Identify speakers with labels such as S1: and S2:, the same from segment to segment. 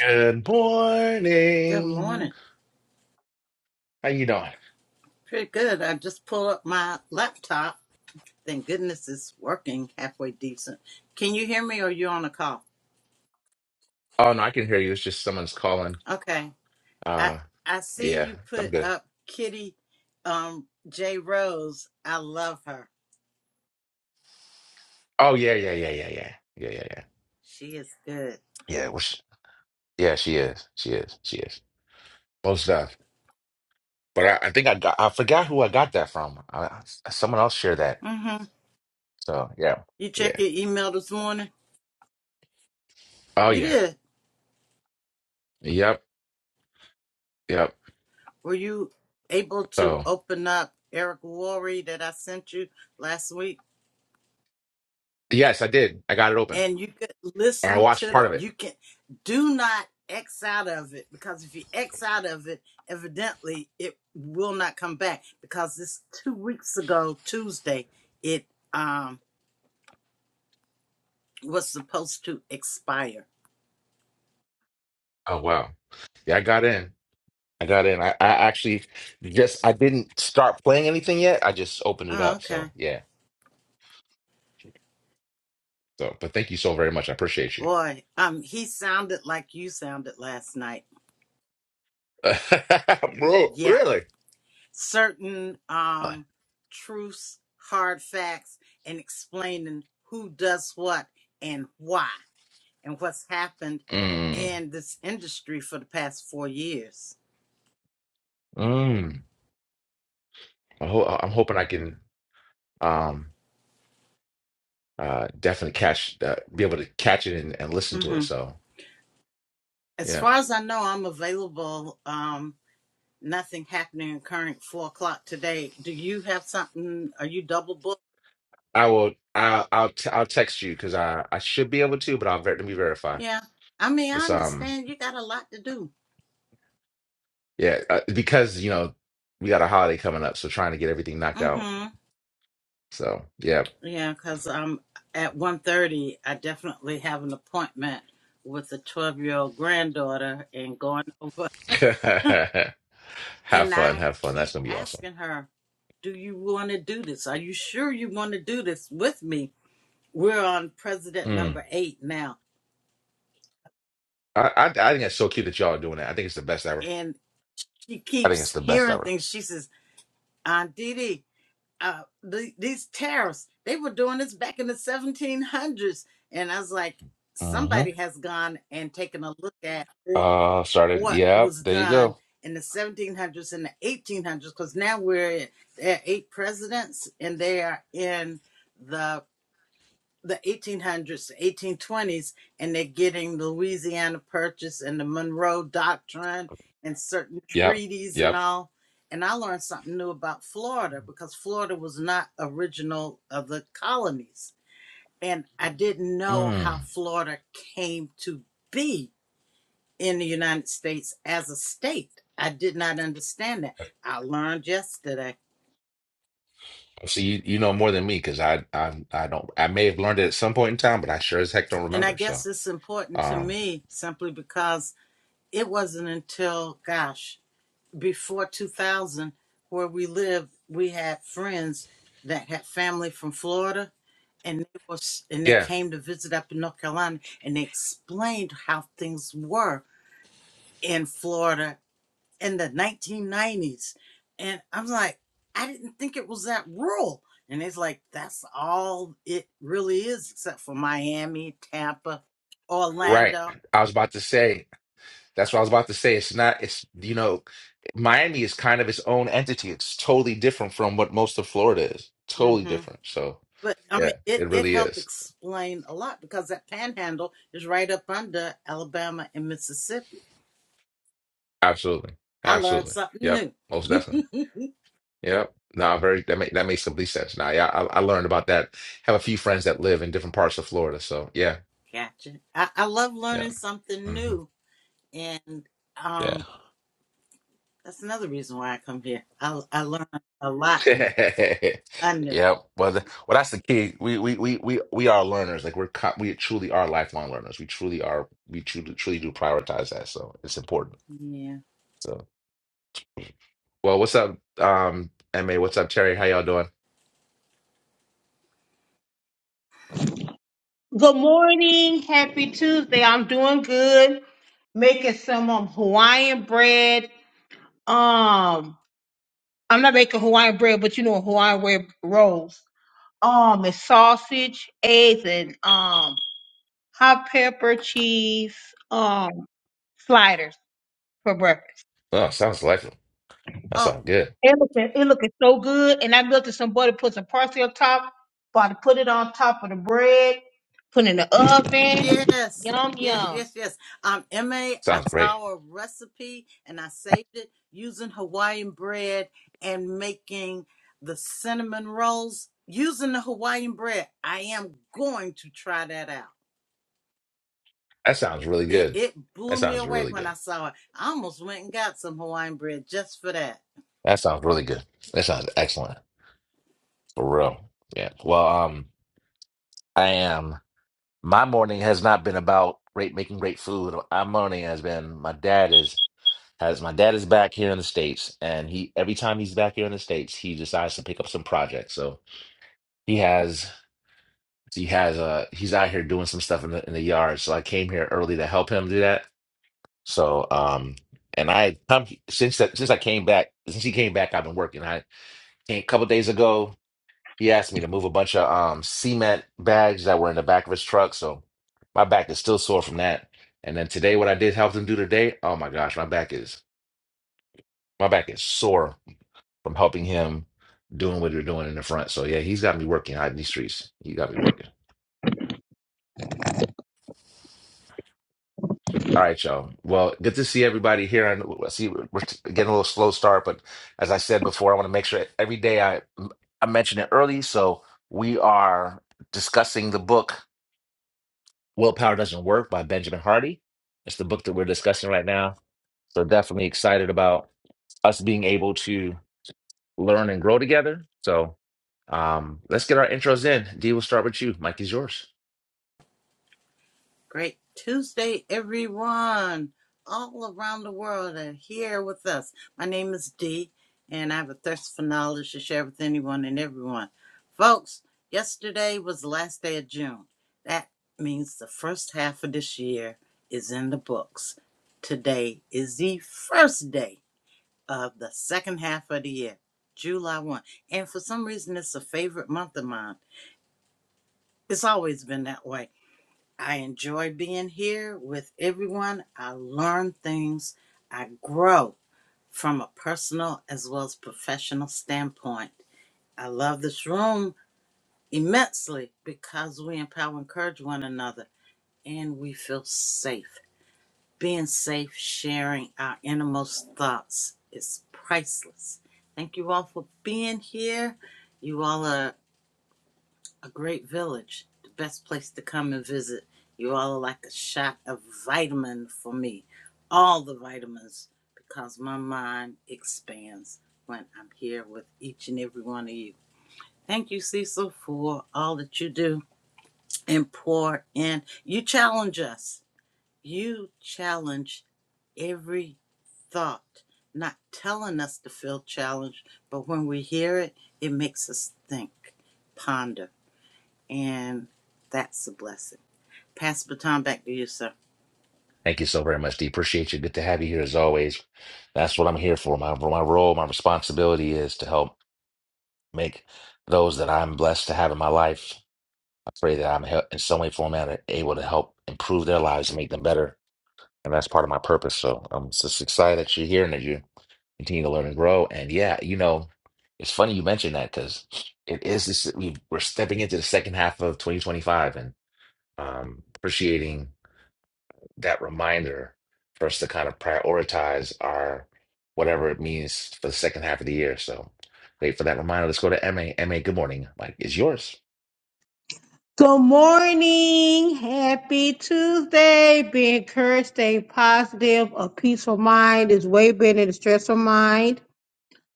S1: Good
S2: Good
S1: morning.
S2: morning.
S1: How you doing?
S2: Pretty good. I just pulled up my laptop. Thank goodness it's working halfway decent. Can you hear me or you on a call?
S1: Oh no, I can hear you. It's just someone's calling.
S2: Okay. I
S1: Uh
S2: I see
S1: yeah,
S2: you
S1: I'm
S2: put
S1: good.
S2: up Kitty um J Rose. I love her.
S1: Oh yeah, yeah, yeah, yeah, yeah. Yeah, yeah, yeah.
S2: She is good.
S1: Yeah, well, she, yeah, she is. She is. She is. Most of. But I, I think I got I forgot who I got that from. I, I- someone else shared that.
S2: Mhm.
S1: So yeah.
S2: You
S1: Yeah.
S2: check your email this morning?
S1: Oh
S2: You
S1: yeah.
S2: did.
S1: Yep. Yep.
S2: Were you able to
S1: So
S2: open up Eric Worre that I sent you last week?
S1: yes, I did. I got it open.
S2: and you could
S1: Or I
S2: listen
S1: watched
S2: to
S1: part
S2: the
S1: of it.
S2: you can do not x out of it because if you x out of it evidently it will not come back because this two weeks ago tuesday it um was supposed to expire
S1: Oh wow. Yeah, I got in. I got in. I, I actually just I didn't start playing anything yet. I just opened it
S2: oh
S1: up.
S2: okay
S1: So yeah. So but thank you so very much. I appreciate you.
S2: boy um he sounded like you sounded last night
S1: Bro,
S2: yeah
S1: really?
S2: certain um truths hard facts and explaining who does what and why and what's happened
S1: Mm,
S2: in this industry for the past four years.
S1: mm. I ho I'm hoping I can um uh definitely catch uh, be able to catch it and, and listen to it.
S2: hmm
S1: So
S2: As
S1: yeah.
S2: far as I know, I'm available. Um, nothing happening current four o'clock today. Do you have something? Are you double booked?
S1: I will I I'll t I'll text you because I I should be able to, but I'll ver let me verify.
S2: Yeah. I mean, I
S1: It's um
S2: understand you got a lot to do.
S1: yeah, uh, because you know, we got a holiday coming up, so trying to get everything knocked out.
S2: hmm
S1: So yeah.
S2: Yeah, because um, at one thirty, I definitely have an appointment with a 12-year-old granddaughter and going over.
S1: have
S2: And
S1: fun,
S2: I
S1: have fun. That's
S2: keep
S1: gonna be awesome.
S2: asking her, Do you want to do this? Are you sure you want to do this with me? We're on president
S1: Mm.
S2: number eight now.
S1: I, I I think it's so cute that y'all are doing that. I think it's the best ever.
S2: And she
S1: I think it's
S2: keeps
S1: the best
S2: hearing
S1: ever.
S2: things. She says, Aunt Dee Dee, uh, the, these tariffs, they were doing this back in the 1700s. And I was like,
S1: hmm
S2: somebody has gone and taken a look at what,
S1: Uh, started.
S2: what
S1: Yep.
S2: was
S1: There you
S2: done
S1: go.
S2: in the 1700s and the 1800s, because now we're at, there are eight presidents and they are in the the 1800s, 1820s, and they're getting the Louisiana Purchase and the Monroe Doctrine and certain
S1: Yep.
S2: treaties and
S1: Yep.
S2: all. And I learned something new about Florida because Florida was not original of the colonies. And I didn't know how
S1: Mm.
S2: Florida came to be in the United States as a state. I did not understand that. I learned yesterday.
S1: See, you, you know more than me because I I I don't. I may have learned it at some point in time, but I sure as heck don't
S2: And I
S1: remember. So,
S2: guess it's important to
S1: um,
S2: me simply because it wasn't until, gosh, before 2000 where we lived we had friends that had family from florida and they was and they
S1: yeah,
S2: came to visit up in north carolina and they explained how things were in florida in the 1990s and i'm like i didn't think it was that rural and it's like that's all it really is except for miami tampa
S1: right.
S2: orlando
S1: I was about to say. That's what I was about to say. It's not, it's, you know, Miami is kind of its own entity. It's totally different from what most of Florida is. Totally
S2: Mm-hmm.
S1: different. So,
S2: But I
S1: yeah,
S2: mean, it,
S1: it
S2: it
S1: really
S2: helped
S1: is.
S2: explain a lot because that panhandle is right up under Alabama and Mississippi.
S1: Absolutely.
S2: I learned
S1: Absolutely.
S2: something
S1: Yep.
S2: new.
S1: Most definitely. Yep. Nah, very, that make, that makes complete sense. Nah, yeah, I, I learned about that. Have a few friends that live in different parts of Florida. So, yeah.
S2: Gotcha. I, I love
S1: Yeah.
S2: learning something
S1: hmm
S2: new. And um, that's another reason why I come here. I, I learned a lot new. I knew.
S1: Yeah, well, th- well, that's the key. We we we we we are learners. Like we're co- we truly are lifelong learners. We truly are. We truly truly do prioritize that. So it's important.
S2: Yeah.
S1: So well, what's up, um, Ma? What's up, Terry? How y'all doing?
S3: Good morning. Happy Tuesday. I'm doing good. Making some um, Hawaiian bread. Um, I'm not making Hawaiian bread, but you know Hawaiian bread rolls. Um, it's sausage, eggs, and um hot pepper cheese um sliders for breakfast.
S1: Oh, sounds delightful. That
S2: Oh.
S1: sounds good.
S3: It looking it looking so good. And I melted some butter, put some parsley on top, about to put it on top of the bread, put it in the oven.
S2: Yes,
S3: Yum
S2: yes,
S3: yum.
S2: yes, yes. Um, MA, I
S1: Sounds great.
S2: saw a recipe and I saved it using Hawaiian bread and making the cinnamon rolls using the Hawaiian bread. I am going to try that out.
S1: That sounds really
S2: It
S1: good.
S2: it
S1: That
S2: blew me
S1: sounds
S2: away
S1: really
S2: when
S1: good.
S2: I saw it. I almost went and got some Hawaiian bread just for that.
S1: That sounds really good. That sounds excellent for real. Yeah. Well, um, I am. My morning has not been about great making great food. My morning has been my dad is. has my dad is back here in the States, and he every time he's back here in the States, he decides to pick up some projects. So he has he has uh he's out here doing some stuff in the in the yard. So I came here early to help him do that. So um and I come since that since I came back since he came back, I've been working. I came a couple days ago. He asked me to move a bunch of um cement bags that were in the back of his truck. So my back is still sore from that. And then today, what I did help him do today, oh my gosh, my back is my back is sore from helping him doing what they're doing in the front. So yeah, he's got me working out in these streets. He got me working. All right, y'all. Well, good to see everybody here. And I see we're we're getting a little slow start, but as I said before, I want to make sure every day I I mention it early. So we are discussing the book "Willpower Doesn't Work" by Benjamin Hardy. It's the book that we're discussing right now. So definitely excited about us being able to learn and grow together. So um, let's get our intros in. Dee, we'll start with you. Mike is yours.
S2: Great Tuesday, everyone, all around the world are here with us. My name is Dee, and I have a thirst for knowledge to share with anyone and everyone. Folks, yesterday was the last day of June. That means the first half of this year is in the books. Today is the first day of the second half of the year, July 1. And for some reason, it's a favorite month of mine. It's always been that way. I enjoy being here with everyone. I learn things. I grow from a personal as well as professional standpoint. I love this room immensely because we empower and encourage one another and we feel safe. Being safe, sharing our innermost thoughts is priceless. Thank you all for being here. You all are A great village. The best place to come and visit. You all are like a shot of vitamin for me. All the vitamins. Because my mind expands when I'm here with each and every one of you. Thank you, Cecil, for all that you do and pour in. You challenge us. You challenge every thought, not telling us to feel challenged, but when we hear it, it makes us think, ponder and that's a blessing. Pass the baton back to you, sir.
S1: Thank you so very much, D. Appreciate you. Good to have you here as always. That's what I'm here for. My my role, my responsibility is to help make those that I'm blessed to have in my life. I pray that I'm hel- in some way, form, or manner able to help improve their lives and make them better. And that's part of my purpose. So I'm just excited that you're here and that you continue to learn and grow. And yeah, you know, it's funny you mentioned that because it is this. we- We're stepping into the second half of 2025 and um, appreciating. that reminder for us to kind of prioritize our whatever it means for the second half of the year. So wait for that reminder. Let's go to MA. MA, good morning. Mike is yours.
S3: Good morning. Happy Tuesday. Be encouraged, stay positive. A peaceful mind is way better than a stressful mind.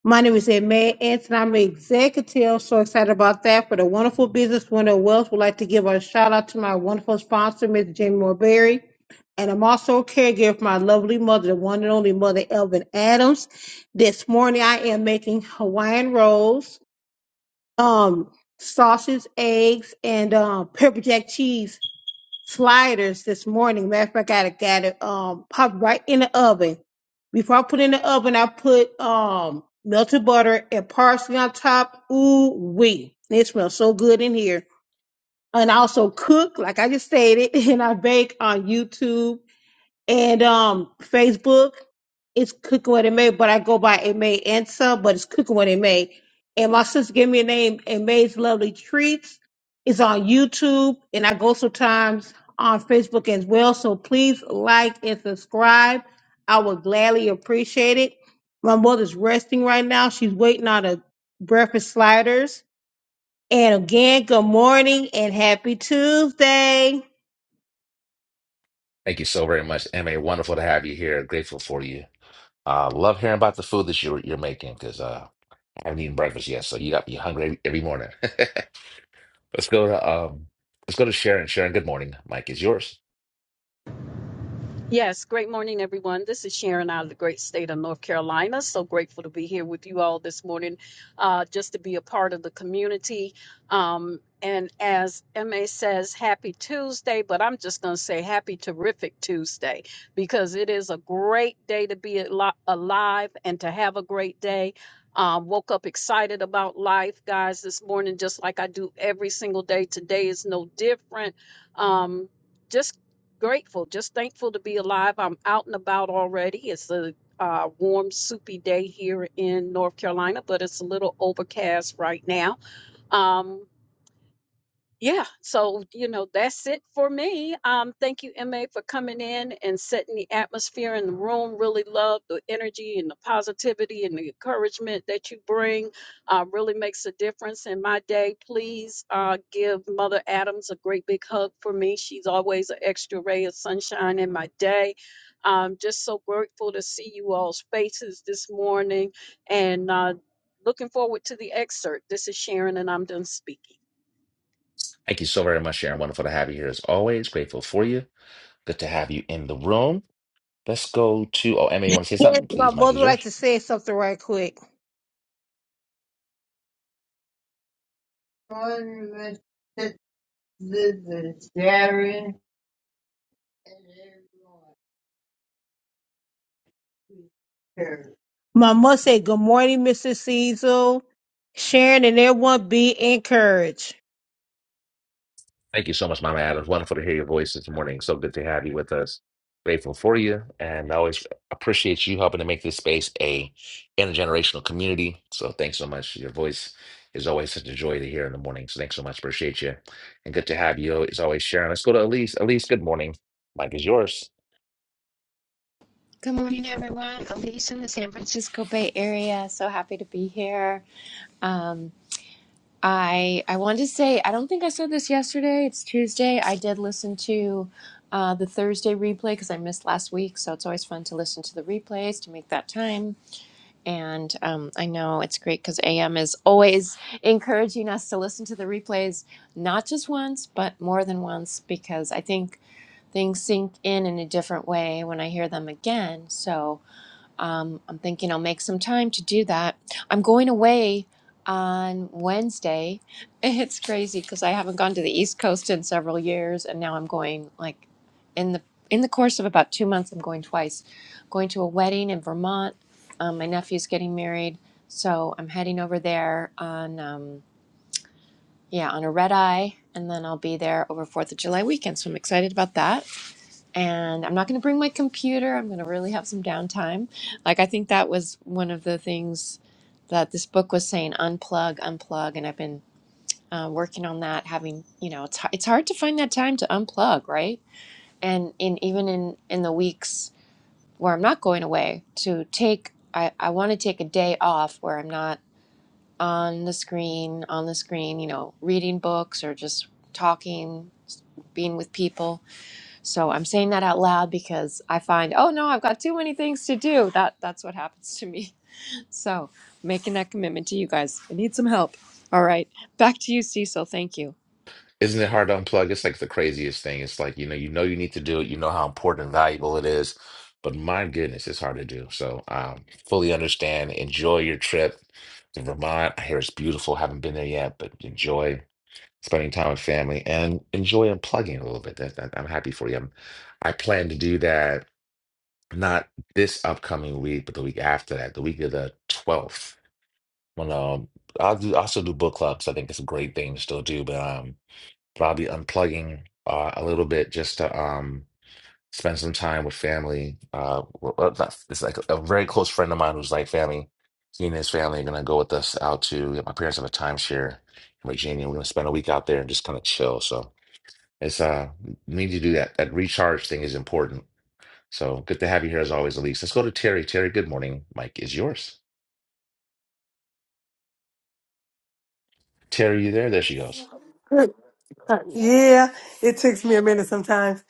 S3: My name is May Anson. I'm an executive. So excited about that. For the wonderful business winner of wealth, would like to give a shout out to my wonderful sponsor, Ms. Jamie Morberry. And I'm also a caregiver for my lovely mother, the one and only mother, Elvin Adams. This morning I am making Hawaiian rolls um sausage, eggs, and um pepper jack cheese sliders this morning. Matter of fact, I got it um popped right in the oven. Before I put it in the oven, I put um melted butter and parsley on top. Ooh wee. It smells so good in here. And I also cook, like I just stated, and I bake on YouTube and um Facebook it's cooking what it may, but I go by it may answer, but it's cooking what it may. And my sister gave me a name, and May's Lovely Treats. It's on YouTube, and I go sometimes on Facebook as well. So please like and subscribe. I would gladly appreciate it. My mother's resting right now. She's waiting on a breakfast sliders. And again, good morning and happy Tuesday.
S1: Thank you so very much, MA. Wonderful to have you here. Grateful for you. Uh, love hearing about the food that you're you're making because uh, I haven't eaten breakfast yet, so you got me hungry every morning. let's go to um, let's go to Sharon. Sharon, good morning. Mike is yours.
S4: Yes, great morning, everyone. This is Sharon out of the great state of North Carolina. So grateful to be here with you all this morning, uh, just to be a part of the community. Um, and as MA says, happy Tuesday, but I'm just going to say happy terrific Tuesday because it is a great day to be al- alive and to have a great day. Um, woke up excited about life, guys, this morning, just like I do every single day. Today is no different. Um, just grateful, just thankful to be alive. I'm out and about already. It's a uh, warm, soupy day here in North Carolina, but it's a little overcast right now. Um, yeah so you know that's it for me um thank you ma for coming in and setting the atmosphere in the room really love the energy and the positivity and the encouragement that you bring uh, really makes a difference in my day please uh, give mother adams a great big hug for me she's always an extra ray of sunshine in my day i'm just so grateful to see you all's faces this morning and uh, looking forward to the excerpt this is sharon and i'm done speaking
S1: Thank you so very much, Sharon. Wonderful to have you here as always. Grateful for you. Good to have you in the room. Let's go to, oh, Emma, you want to say
S3: Yes,
S1: something?
S3: my
S1: Please, Mike
S3: mother
S1: is
S3: would like
S1: yours.
S3: to say something right quick. Sister Sharon, and everyone who cares. My say good morning, Mr. Cecil. Sharon and everyone be encouraged.
S1: Thank you so much, Mama Adams. Wonderful to hear your voice this morning. So good to have you with us. Grateful for you, and I always appreciate you helping to make this space a intergenerational community. So thanks so much. Your voice is always such a joy to hear in the morning. So thanks so much. Appreciate you, and good to have you. It's always, Sharon. Let's go to Elise. Elise, good morning. Mike is yours.
S5: Good morning, everyone. Alicia, in the San Francisco Bay Area. So happy to be here. Um, I I wanted to say I don't think I said this yesterday. It's Tuesday. I did listen to uh, the Thursday replay because I missed last week. So it's always fun to listen to the replays to make that time. And um, I know it's great because AM is always encouraging us to listen to the replays, not just once, but more than once, because I think things sink in in a different way when I hear them again. So um, I'm thinking I'll make some time to do that. I'm going away on Wednesday. It's crazy because I haven't gone to the East Coast in several years, and now I'm going like in the in the course of about two months. I'm going twice. Going to a wedding in Vermont. Um, my nephew's getting married, so I'm heading over there on um, yeah on a red eye, and then I'll be there over Fourth of July weekend. So I'm excited about that and I'm not going to bring my computer. I'm going to really have some downtime. Like, I think that was one of the things that this book was saying unplug, unplug. And I've been uh, working on that, having, you know, it's, it's hard to find that time to unplug, right? And in even in, in the weeks where I'm not going away, to take, I, I want to take a day off where I'm not on the screen, on the screen, you know, reading books or just talking, being with people so I'm saying that out loud because I find, oh no, I've got too many things to do. That that's what happens to me. So making that commitment to you guys. I need some help. All right. Back to you, Cecil. Thank you.
S1: Isn't it hard to unplug? It's like the craziest thing. It's like, you know, you know you need to do it, you know how important and valuable it is, but my goodness, it's hard to do. So, um, fully understand. Enjoy your trip to Vermont. I hear it's beautiful. Haven't been there yet, but enjoy spending time with family and enjoy unplugging a little bit. That, that I'm happy for you. I'm, I plan to do that not this upcoming week, but the week after that, the week of the 12th. When um, I'll do, I'll still do book clubs. I think it's a great thing to still do, but um. But I'll be unplugging uh, a little bit just to um, spend some time with family. Uh, well, uh, that's- it's like a very close friend of mine who's like family. He and his family are gonna go with us out to. My parents have a timeshare in Virginia. We're gonna spend a week out there and just kind of chill. So it's uh, we need to do that. That recharge thing is important. So good to have you here as always, Elise. Let's go to Terry. Terry, good morning. Mike is yours. Terry, you there? There she goes.
S6: Good. uh, Yeah, it takes me a minute sometimes.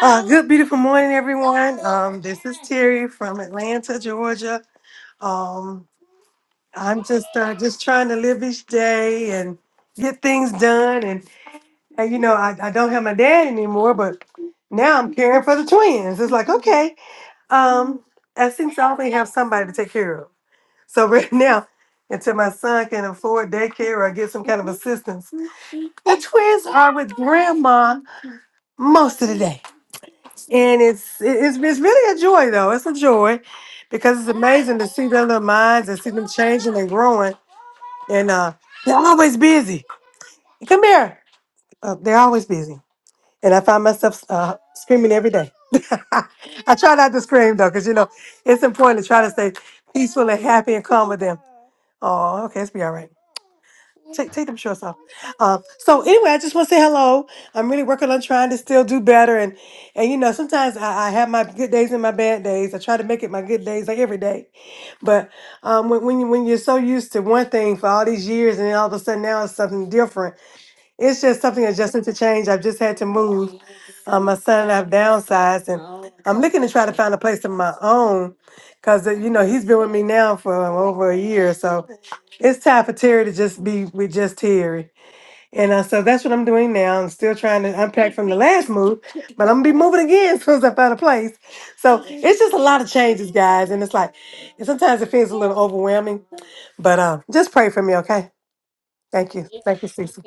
S6: Uh, good, beautiful morning, everyone. Um, this is Terry from Atlanta, Georgia. Um, I'm just uh, just trying to live each day and get things done. And, and you know, I, I don't have my dad anymore, but now I'm caring for the twins. It's like, okay, um, I seem to always have somebody to take care of. So right now, until my son can afford daycare or get some kind of assistance, the twins are with grandma most of the day. And it's it- it's it's really a joy though. It's a joy because it's amazing to see their little minds and see them changing and growing. And uh, they're always busy. Come here. Uh, they're always busy. And I find myself uh, screaming every day. I try not to scream though, because you know it's important to try to stay peaceful and happy and calm with them. Oh, okay, it's be all right. Take, take them shorts off. Um, so anyway, I just want to say hello. I'm really working on trying to still do better, and and you know sometimes I, I have my good days and my bad days. I try to make it my good days like every day, but um, when when you when you're so used to one thing for all these years, and then all of a sudden now it's something different. It's just something adjusting to change. I've just had to move. Um, my son and I've downsized, and I'm looking to try to find a place of my own because you know he's been with me now for over a year, so it's time for Terry to just be with just Terry. And uh, so that's what I'm doing now. I'm still trying to unpack from the last move, but I'm gonna be moving again as soon as I find a place. So it's just a lot of changes, guys, and it's like and sometimes it feels a little overwhelming. But uh, just pray for me, okay? Thank you, thank you, Cece,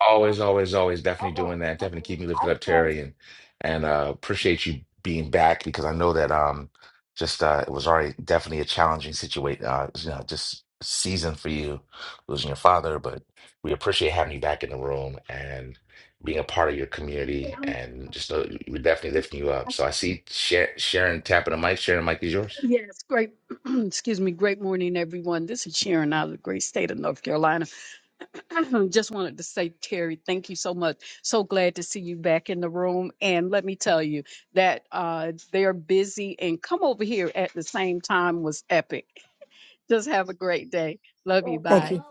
S1: Always, always, always definitely doing that. Definitely keep me lifted up, Terry, and and uh appreciate you being back because I know that um just uh it was already definitely a challenging situation uh you know just season for you losing your father, but we appreciate having you back in the room and being a part of your community and just know we're definitely lifting you up. So I see Sha- Sharon tapping the mic. Sharon, mic is yours.
S4: Yes, great, excuse me, great morning, everyone. This is Sharon out of the great state of North Carolina. Just wanted to say, Terry, thank you so much. So glad to see you back in the room. And let me tell you that uh, they're busy and come over here at the same time was epic. Just have a great day. Love you.
S6: Thank
S4: Bye.
S6: you.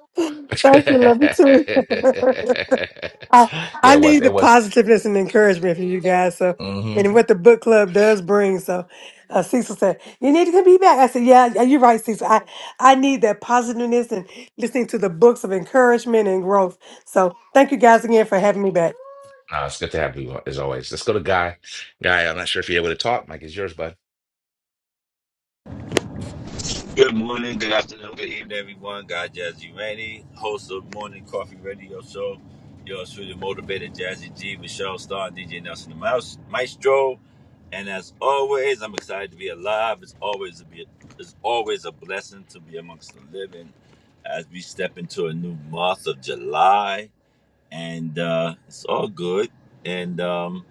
S6: Thank you. Love you too. I,
S1: Yeah,
S6: I
S1: it was.
S6: need the
S1: It was.
S6: positiveness and encouragement from you guys. So,
S1: hmm
S6: and what the book club does bring. So, uh, Cecil said, "You need to be back." I said, "Yeah, yeah, you're right, Cecil. I, I need that positiveness and listening to the books of encouragement and growth." So, thank you guys again for having me back.
S1: No, it's good to have you as always. Let's go to Guy. Guy, I'm not sure if you're able to talk. Mike is yours, bud.
S7: Good morning, good afternoon, good evening, everyone. God Jazzy Randy, host of Morning Coffee Radio Show. Yours truly, motivated Jazzy G, Michelle Star, DJ Nelson the Mouse, Maestro. And as always, I'm excited to be alive. It's always a be, it's always a blessing to be amongst the living as we step into a new month of July and uh, it's all good. And um,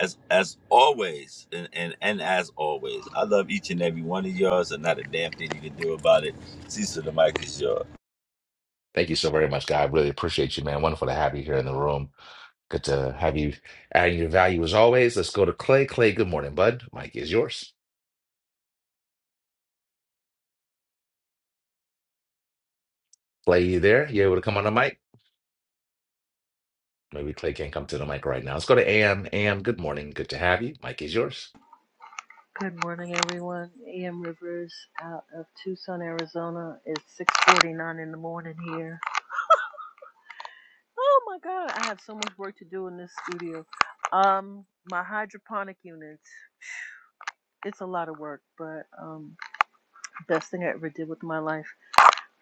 S7: as as always, and, and and as always, I love each and every one of yours, and not a damn thing you can do about it. Cecil, the mic is yours.
S1: Thank you so very much, Guy. I really appreciate you, man. Wonderful to have you here in the room. Good to have you adding your value as always. Let's go to Clay. Clay, good morning, bud. Mike is yours. Clay, you there? You able to come on the mic? Maybe Clay can't come to the mic right now. Let's go to AM. AM, good morning. Good to have you. Mike is yours.
S8: Good morning, everyone. A.M. Rivers out of Tucson, Arizona. It's 6:49 in the morning here. Oh my God, I have so much work to do in this studio. Um, my hydroponic units. It's a lot of work, but um, best thing I ever did with my life.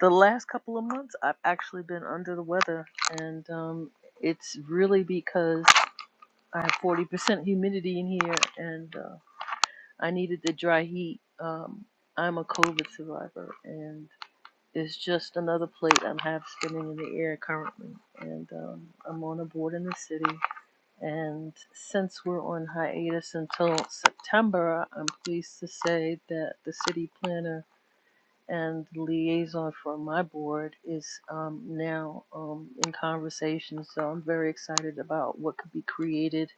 S8: The last couple of months, I've actually been under the weather, and um, it's really because I have 40% humidity in here, and uh, I needed the dry heat. Um, I'm a COVID survivor, and Is just another plate I'm half spinning in the air currently. And um, I'm on a board in the city. And since we're on hiatus until September, I'm pleased to say that the city planner and the liaison for my board is um, now um, in conversation. So I'm very excited about what could be created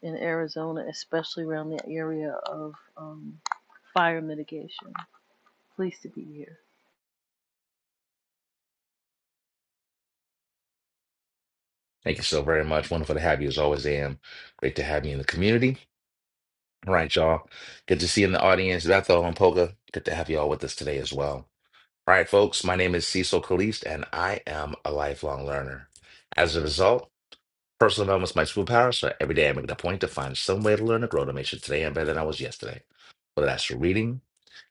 S8: in Arizona, especially around the area of um, fire mitigation. Pleased to be here.
S1: Thank you so very much. Wonderful to have you as always, AM. Great to have you in the community. All right, y'all. Good to see you in the audience. Bethel and Polka. Good to have you all with us today as well. All right, folks, my name is Cecil Caliste, and I am a lifelong learner. As a result, personal development is my superpower, so every day I make it a point to find some way to learn and grow to make sure today I'm better than I was yesterday. Whether that's through reading,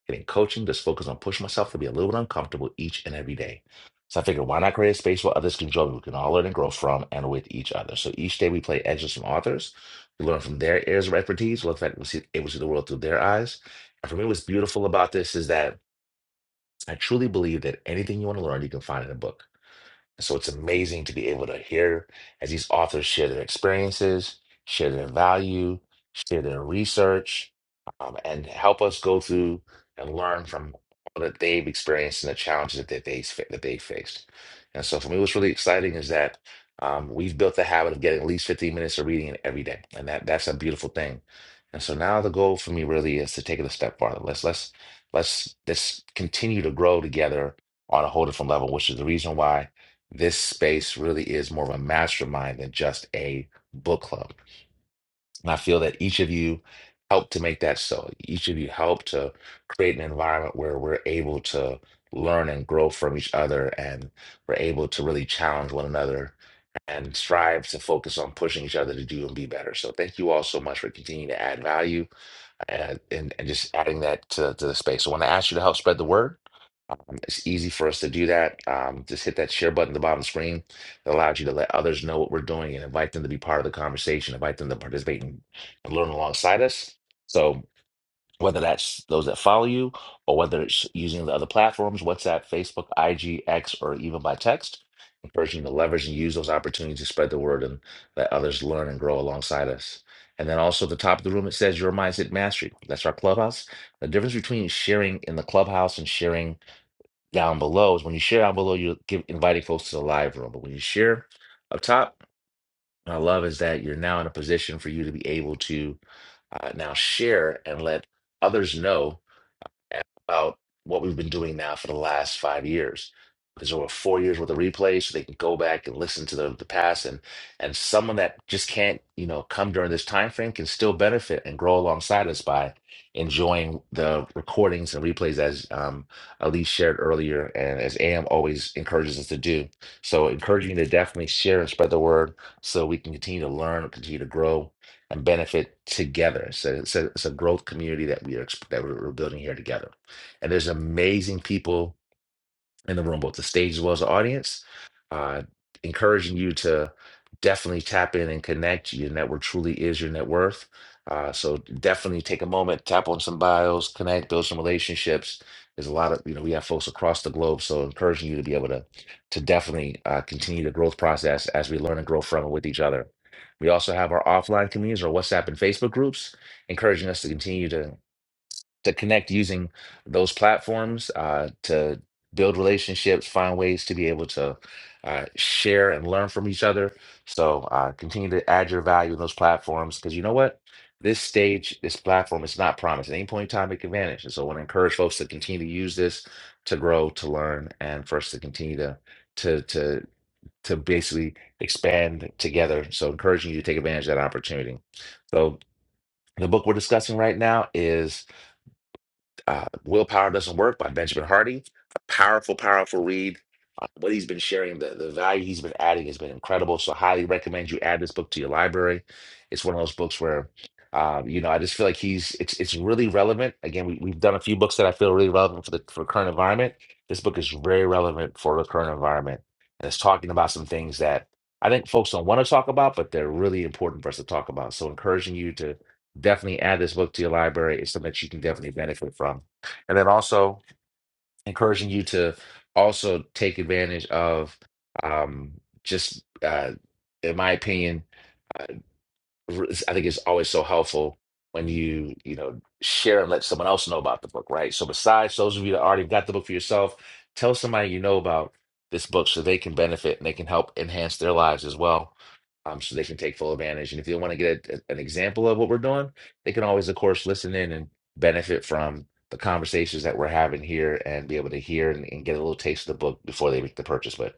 S1: getting coaching, just focus on pushing myself to be a little bit uncomfortable each and every day. So I figured, why not create a space where others can join? We can all learn and grow from and with each other. So each day we play edges from authors. We learn from their areas of expertise. We look at we see able to see the world through their eyes. And for me, what's beautiful about this is that I truly believe that anything you want to learn, you can find in a book. So it's amazing to be able to hear as these authors share their experiences, share their value, share their research, um, and help us go through and learn from all that they've experienced and the challenges that they that they faced. And so for me, what's really exciting is that um, we've built the habit of getting at least 15 minutes of reading every day, and that that's a beautiful thing. And so now the goal for me really is to take it a step farther. Let's let's let's let's continue to grow together on a whole different level, which is the reason why this space really is more of a mastermind than just a book club. And I feel that each of you helped to make that so. Each of you helped to create an environment where we're able to learn and grow from each other and we're able to really challenge one another and strive to focus on pushing each other to do and be better. So thank you all so much for continuing to add value and, and, and just adding that to, to the space. So I want to ask you to help spread the word. It's easy for us to do that. Um, just hit that share button at the bottom of the screen. It allows you to let others know what we're doing and invite them to be part of the conversation, invite them to participate and, and learn alongside us. So whether that's those that follow you or whether it's using the other platforms, WhatsApp, Facebook, IG, X, or even by text, encouraging you to leverage and use those opportunities to spread the word and let others learn and grow alongside us. And then also at the top of the room, it says your mindset mastery. That's our clubhouse. The difference between sharing in the clubhouse and sharing down below is when you share down below, you're give, inviting folks to the live room. But when you share up top, what I love is that you're now in a position for you to be able to uh, now share and let others know about what we've been doing now for the last five years. Because there were four years worth of replays, so they can go back and listen to the, the past, and and someone that just can't, you know, come during this time frame can still benefit and grow alongside us by enjoying the recordings and replays as um, Elise shared earlier, and as AM always encourages us to do. So, encouraging you to definitely share and spread the word, so we can continue to learn, continue to grow, and benefit together. So it's a, it's a growth community that we are exp- that we're we're building here together. And there's amazing people in the room, both the stage as well as the audience. Uh, encouraging you to definitely tap in and connect. Your network truly is your net worth. Uh, so definitely take a moment, tap on some bios, connect, build some relationships. There's a lot of you know we have folks across the globe, so encouraging you to be able to to definitely uh, continue the growth process as we learn and grow from and with each other. We also have our offline communities, our WhatsApp and Facebook groups, encouraging us to continue to to connect using those platforms uh, to build relationships, find ways to be able to uh, share and learn from each other. So uh, continue to add your value in those platforms because you know what? This stage, this platform is not promised. At any point in time, it can vanish. And so I want to encourage folks to continue to use this to grow, to learn, and for us to continue to to to to basically expand together. So encouraging you to take advantage of that opportunity. So the book we're discussing right now is uh, Willpower Doesn't Work by Benjamin Hardy. A powerful, powerful read. Uh, what he's been sharing, the, the value he's been adding has been incredible. So, highly recommend you add this book to your library. It's one of those books where, um, you know, I just feel like he's it's it's really relevant. Again, we, we've done a few books that I feel really relevant for the for the current environment. This book is very relevant for the current environment, and it's talking about some things that I think folks don't want to talk about, but they're really important for us to talk about. So, encouraging you to definitely add this book to your library. It's something that you can definitely benefit from. And then also encouraging you to also take advantage of um, just, uh, in my opinion. uh, r- I think it's always so helpful when you, you know, share and let someone else know about the book, right? So besides those of you that already got the book for yourself, tell somebody you know about this book so they can benefit and they can help enhance their lives as well. Um, so they can take full advantage. And if they want to get a, an example of what we're doing, they can always, of course, listen in and benefit from the conversations that we're having here and be able to hear and, and get a little taste of the book before they make the purchase. But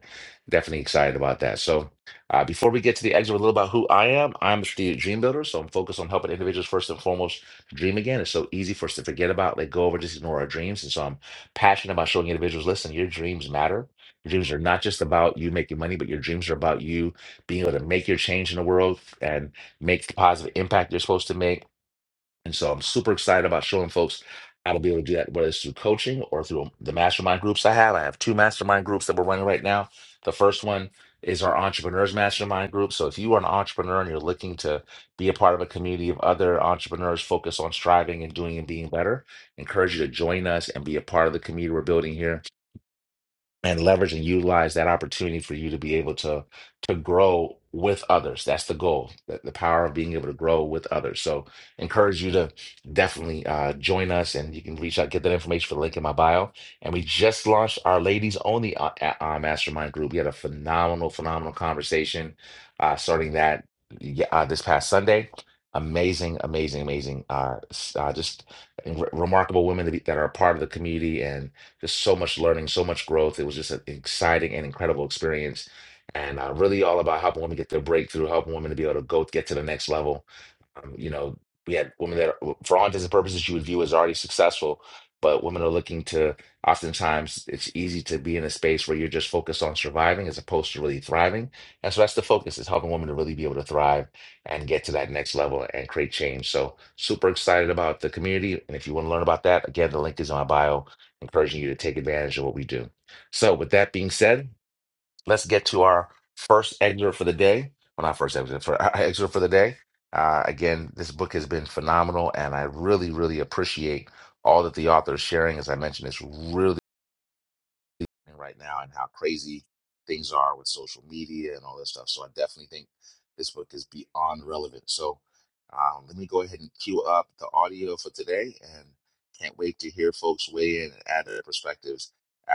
S1: definitely excited about that. So uh, before we get to the exit, a little about who I am. I'm a strategic dream builder, so I'm focused on helping individuals first and foremost to dream again. It's so easy for us to forget about, let go over, just ignore our dreams. And so I'm passionate about showing individuals, listen, your dreams matter. Your dreams are not just about you making money, but your dreams are about you being able to make your change in the world and make the positive impact you're supposed to make and so I'm super excited about showing folks how to be able to do that, whether it's through coaching or through the mastermind groups I have. I have two mastermind groups that we're running right now. The first one is our entrepreneurs mastermind group. So if you are an entrepreneur and you're looking to be a part of a community of other entrepreneurs focused on striving and doing and being better, I encourage you to join us and be a part of the community we're building here and leverage and utilize that opportunity for you to be able to to grow with others that's the goal the, the power of being able to grow with others so encourage you to definitely uh, join us and you can reach out get that information for the link in my bio and we just launched our ladies only uh, a- uh, mastermind group we had a phenomenal phenomenal conversation uh, starting that yeah, uh, this past sunday amazing amazing amazing uh, s- uh, just re- remarkable women to be, that are a part of the community and. Just so much learning, so much growth. It was just an exciting and incredible experience, and uh, really all about helping women get their breakthrough, helping women to be able to go get to the next level. Um, you know, we had women that, are- for all intents and purposes, you would view as already successful, but women are looking to, oftentimes, it's easy to be in a space where you're just focused on surviving as opposed to really thriving. And so that's the focus is helping women to really be able to thrive and get to that next level and create change. So super excited about the community. And if you want to learn about that, again, the link is in my bio, encouraging you to take advantage of what we do. So with that being said, let's get to our first excerpt for the day. Well, not first excerpt for our excerpt for the day. Uh, again, this book has been phenomenal, and I really, really appreciate all that the author is sharing. As I mentioned, it's really happening right now and how crazy things are with social media and all that stuff. So I definitely think this book is beyond relevant. So um, let me go ahead and queue up the audio for today and can't wait to hear folks weigh in and add their perspectives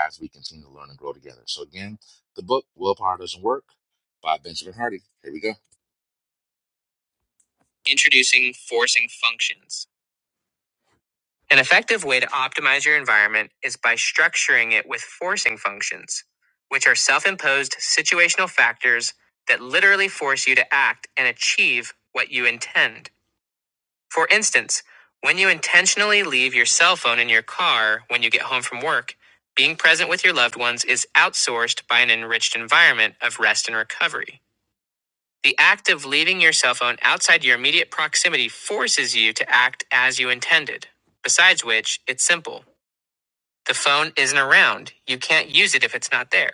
S1: as we continue to learn and grow together. So again, the book Willpower Doesn't Work by Benjamin Hardy. Here we go. Introducing forcing functions. An effective way to optimize your environment is by structuring it with forcing functions, which are self imposed situational factors that literally force you to act and achieve what you intend. For instance, when you intentionally leave your cell phone in your car when you get home from work, being present with your loved ones is outsourced by an enriched environment of rest and recovery. The act of leaving your cell phone outside your immediate proximity forces you to act as you intended. Besides which, it's simple. The phone isn't around. You can't use it if it's not there.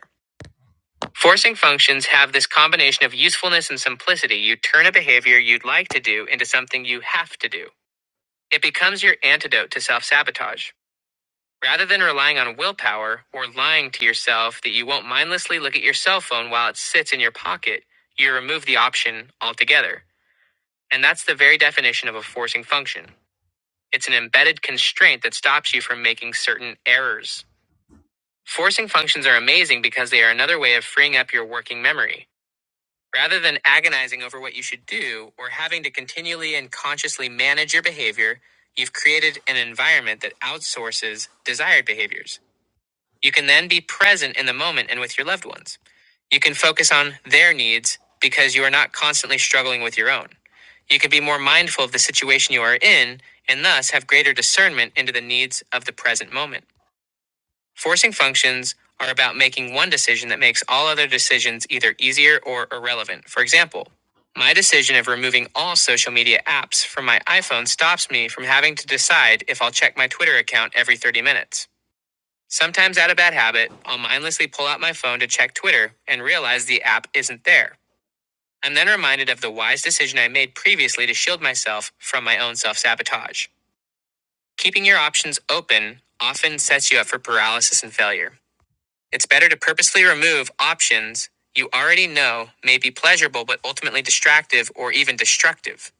S1: Forcing functions have this combination of usefulness and simplicity. You turn a behavior you'd like to do into something you have to do. It becomes your antidote to self sabotage. Rather than relying on willpower or lying to yourself that you won't mindlessly look at your cell phone while it sits in your pocket, you remove the option altogether. And that's the very definition of a forcing function. It's an embedded constraint that stops you from making certain errors. Forcing functions are amazing because they are another way of freeing up your working memory. Rather than agonizing over what you should do or having to continually and consciously manage your behavior, you've created an environment that outsources desired behaviors. You can then be present in the moment and with your loved ones. You can focus on their needs because you are not constantly struggling with your own. You can be more mindful of the situation you are in and thus have greater discernment into the needs of the present moment. Forcing functions are about making one decision that makes all other decisions either easier or irrelevant. For example, my decision of removing all social media apps from my iPhone stops me from having to decide if I'll check my Twitter account every 30 minutes. Sometimes, out of bad habit, I'll mindlessly pull out my phone to check Twitter and realize the app isn't there. I'm then reminded of the wise decision I made previously to shield myself from my own self sabotage. Keeping your options open often sets you up for paralysis and failure. It's better to purposely remove options you already know may be pleasurable but ultimately distractive or even destructive.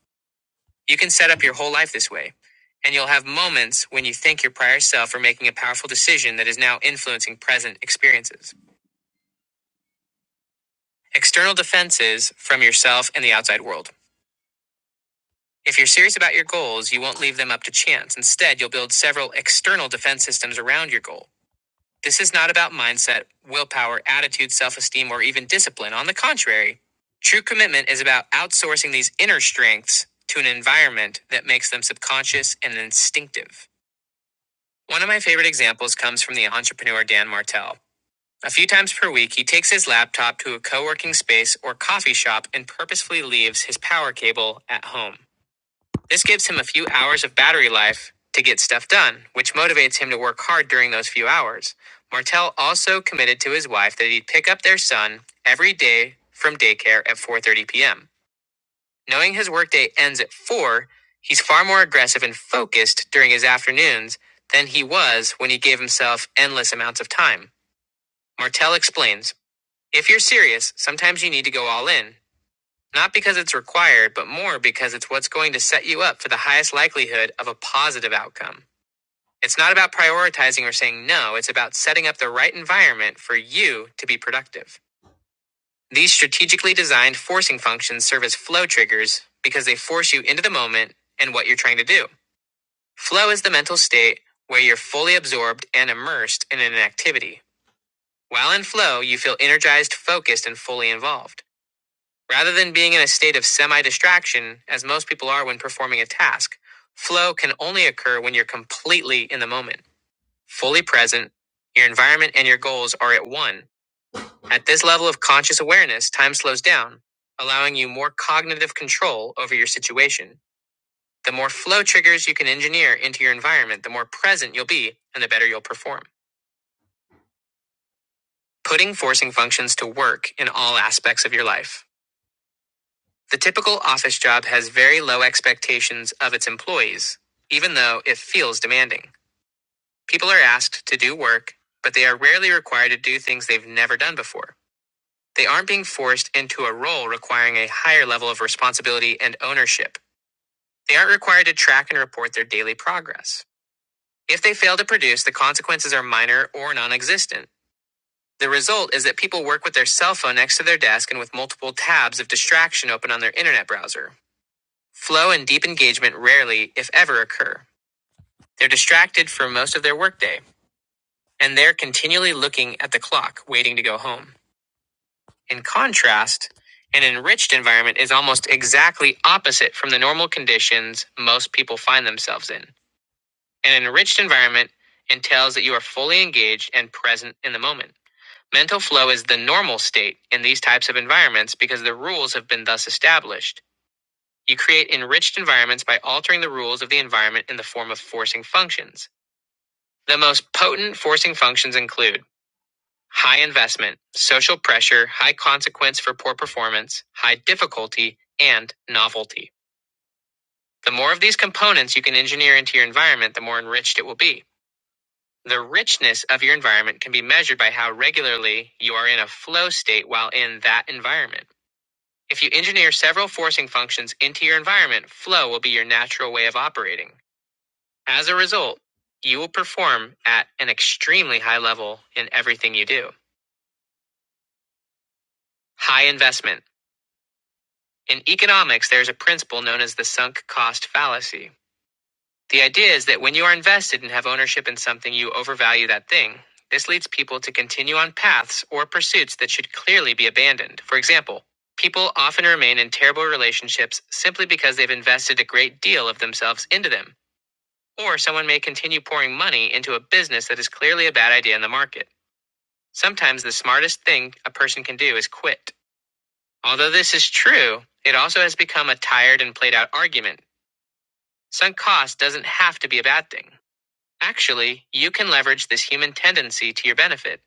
S1: You can set up your whole life this way, and you'll have moments when you thank your prior self for making a powerful decision that is now influencing present experiences. External defenses from yourself and the outside world. If you're serious about your goals, you won't leave them up to chance. Instead, you'll build several external defense systems around your goal. This is not about mindset, willpower, attitude, self esteem, or even discipline. On the contrary, true commitment is about outsourcing these inner strengths to an environment that makes them subconscious and instinctive. One of my favorite examples comes from the entrepreneur Dan Martell. A few times per week, he takes his laptop to a co working space or coffee shop and purposefully leaves his power cable at home. This gives him a few hours of battery life to get stuff done, which motivates him to work hard during those few hours. Martel also committed to his wife that he'd pick up their son every day from daycare at 4:30 p.m. Knowing his workday ends at 4, he's far more aggressive and focused during his afternoons than he was when he gave himself endless amounts of time. Martel explains, "If you're serious, sometimes you need to go all in. Not because it's required, but more because it's what's going to set you up for the highest likelihood of a positive outcome. It's not about prioritizing or saying no, it's about setting up the right environment for you to be productive. These strategically designed forcing functions serve as flow triggers because they force you into the moment and what you're trying to do. Flow is the mental state where you're fully absorbed and immersed in an activity. While in flow, you feel energized, focused, and fully involved. Rather than being in a state of semi distraction, as most people are when performing a task, flow can only occur when you're completely in the moment, fully present, your environment and your goals are at one. At this level of conscious awareness, time slows down, allowing you more cognitive control over your situation. The more flow triggers you can engineer into your environment, the more present you'll be and the better you'll perform. Putting forcing functions to work in all aspects of your life. The typical office job has very low expectations of its employees, even though it feels demanding. People are asked to do work, but they are rarely required to do things they've never done before. They aren't being forced into a role requiring a higher level of responsibility and ownership. They aren't required to track and report their daily progress. If they fail to produce, the consequences are minor or non existent. The result is that people work with their cell phone next to their desk and with multiple tabs of distraction open on their internet browser. Flow and deep engagement rarely, if ever, occur. They're distracted for most of their workday, and they're continually looking at the clock, waiting to go home. In contrast, an enriched environment is almost exactly opposite from the normal conditions most people find themselves in. An enriched environment entails that you are fully engaged and present in the moment. Mental flow is the normal state in these types of environments because the rules have been thus established You create enriched environments by altering the rules of the environment in the form of forcing functions. The most potent forcing functions include high investment, social pressure, high consequence for poor performance, high difficulty, and novelty. The more of these components you can engineer into your environment, the more enriched it will be. The richness of your environment can be measured by how regularly you are in a flow state while in that environment. If you engineer several forcing functions into your environment, flow will be your natural way of operating. As a result, you will perform at an extremely high level in everything you do. High investment. In economics, there's a principle known as the sunk cost fallacy. The idea is that when you are invested and have ownership in something, you overvalue that thing. This leads people to continue on paths or pursuits that should clearly be abandoned. For example, people often remain in terrible relationships simply because they've invested a great deal of themselves into them. Or someone may continue pouring money into a business that is clearly a bad idea in the market. Sometimes the smartest thing a person can do is quit. Although this is true, it also has become a tired and played out argument. Sunk cost doesn't have to be a bad thing. Actually, you can leverage this human tendency to your benefit.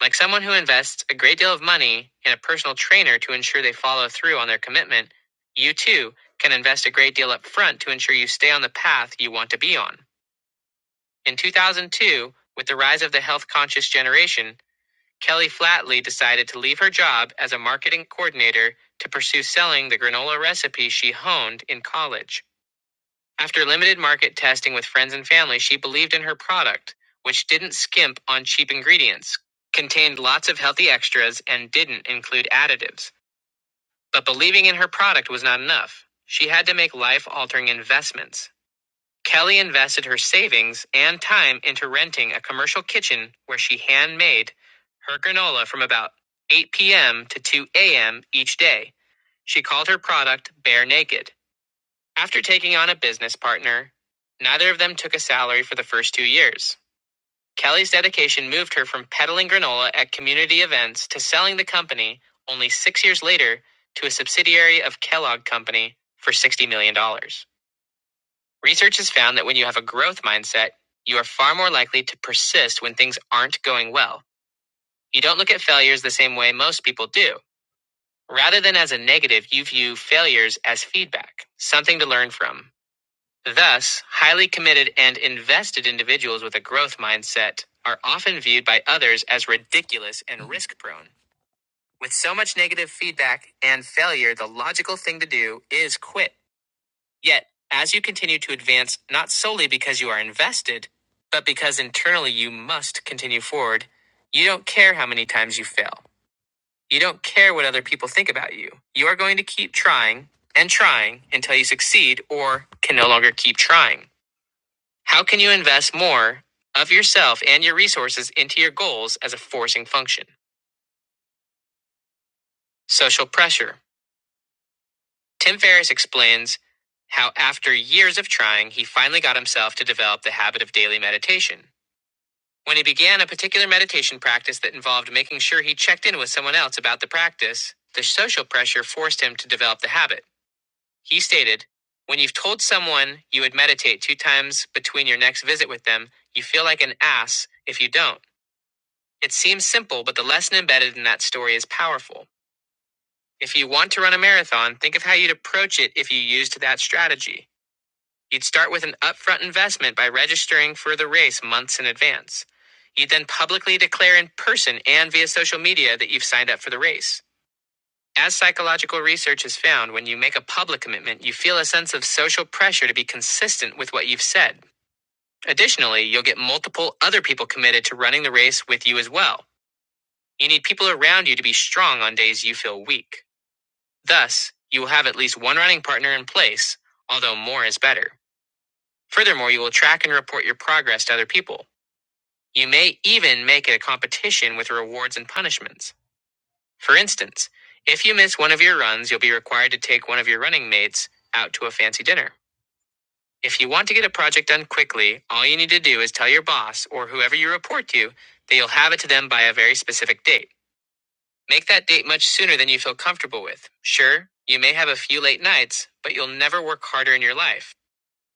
S1: Like someone who invests a great deal of money in a personal trainer to ensure they follow through on their commitment, you too can invest a great deal up front to ensure you stay on the path you want to be on. In 2002, with the rise of the health conscious generation, Kelly flatly decided to leave her job as a marketing coordinator to pursue selling the granola recipe she honed in college. After limited market testing with friends and family, she believed in her product, which didn't skimp on cheap ingredients, contained lots of healthy extras, and didn't include additives. But believing in her product was not enough. She had to make life altering investments. Kelly invested her savings and time into renting a commercial kitchen where she handmade her granola from about 8 p.m. to 2 a.m. each day. She called her product Bare Naked. After taking on a business partner, neither of them took a salary for the first two years. Kelly's dedication moved her from peddling granola at community events to selling the company only six years later to a subsidiary of Kellogg Company for $60 million. dollars. Research has found that when you have a growth mindset, you are far more likely to persist when things aren't going well. You don't look at failures the same way most people do. Rather than as a negative, you view failures as feedback, something to learn from. Thus, highly committed and invested individuals with a growth mindset are often viewed by others as ridiculous and risk prone. With so much negative feedback and failure, the logical thing to do is quit. Yet, as you continue to advance, not solely because you are invested, but because internally you must continue forward, you don't care how many times you fail. You don't care what other people think about you. You are going to keep trying and trying until you succeed or can no longer keep trying. How can you invest more of yourself and your resources into your goals as a forcing function? Social pressure. Tim Ferriss explains how, after years of trying, he finally got himself to develop the habit of daily meditation. When he began a particular meditation practice that involved making sure he checked in with someone else about the practice, the social pressure forced him to develop the habit. He stated, When you've told someone you would meditate two times between your next visit with them, you feel like an ass if you don't. It seems simple, but the lesson embedded in that story is powerful. If you want to run a marathon, think of how you'd approach it if you used that strategy. You'd start with an upfront investment by registering for the race months in advance. You'd then publicly declare in person and via social media that you've signed up for the race. As psychological research has found, when you make a public commitment, you feel a sense of social pressure to be consistent with what you've said. Additionally, you'll get multiple other people committed to running the race with you as well. You need people around you to be strong on days you feel weak. Thus, you will have at least one running partner in place, although more is better. Furthermore, you will track and report your progress to other people. You may even make it a competition with rewards and punishments. For instance, if you miss one of your runs, you'll be required to take one of your running mates out to a fancy dinner. If you want to get a project done quickly, all you need to do is tell your boss or whoever you report to that you'll have it to them by a very specific date. Make that date much sooner than you feel comfortable with. Sure, you may have a few late nights, but you'll never work harder in your life.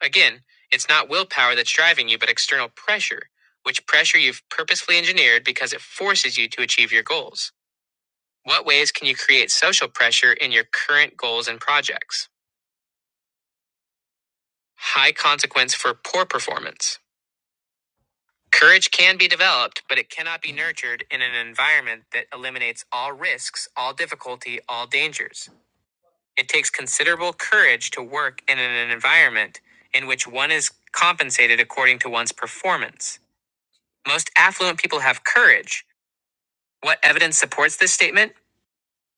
S1: Again, it's not willpower that's driving you, but external pressure, which pressure you've purposefully engineered because it forces you to achieve your goals. What ways can you create social pressure in your current goals and projects? High consequence for poor performance. Courage can be developed, but it cannot be nurtured in an environment that eliminates all risks, all difficulty, all dangers. It takes considerable courage to work in an environment in which one is compensated according to one's performance. Most affluent people have courage. What evidence supports this statement?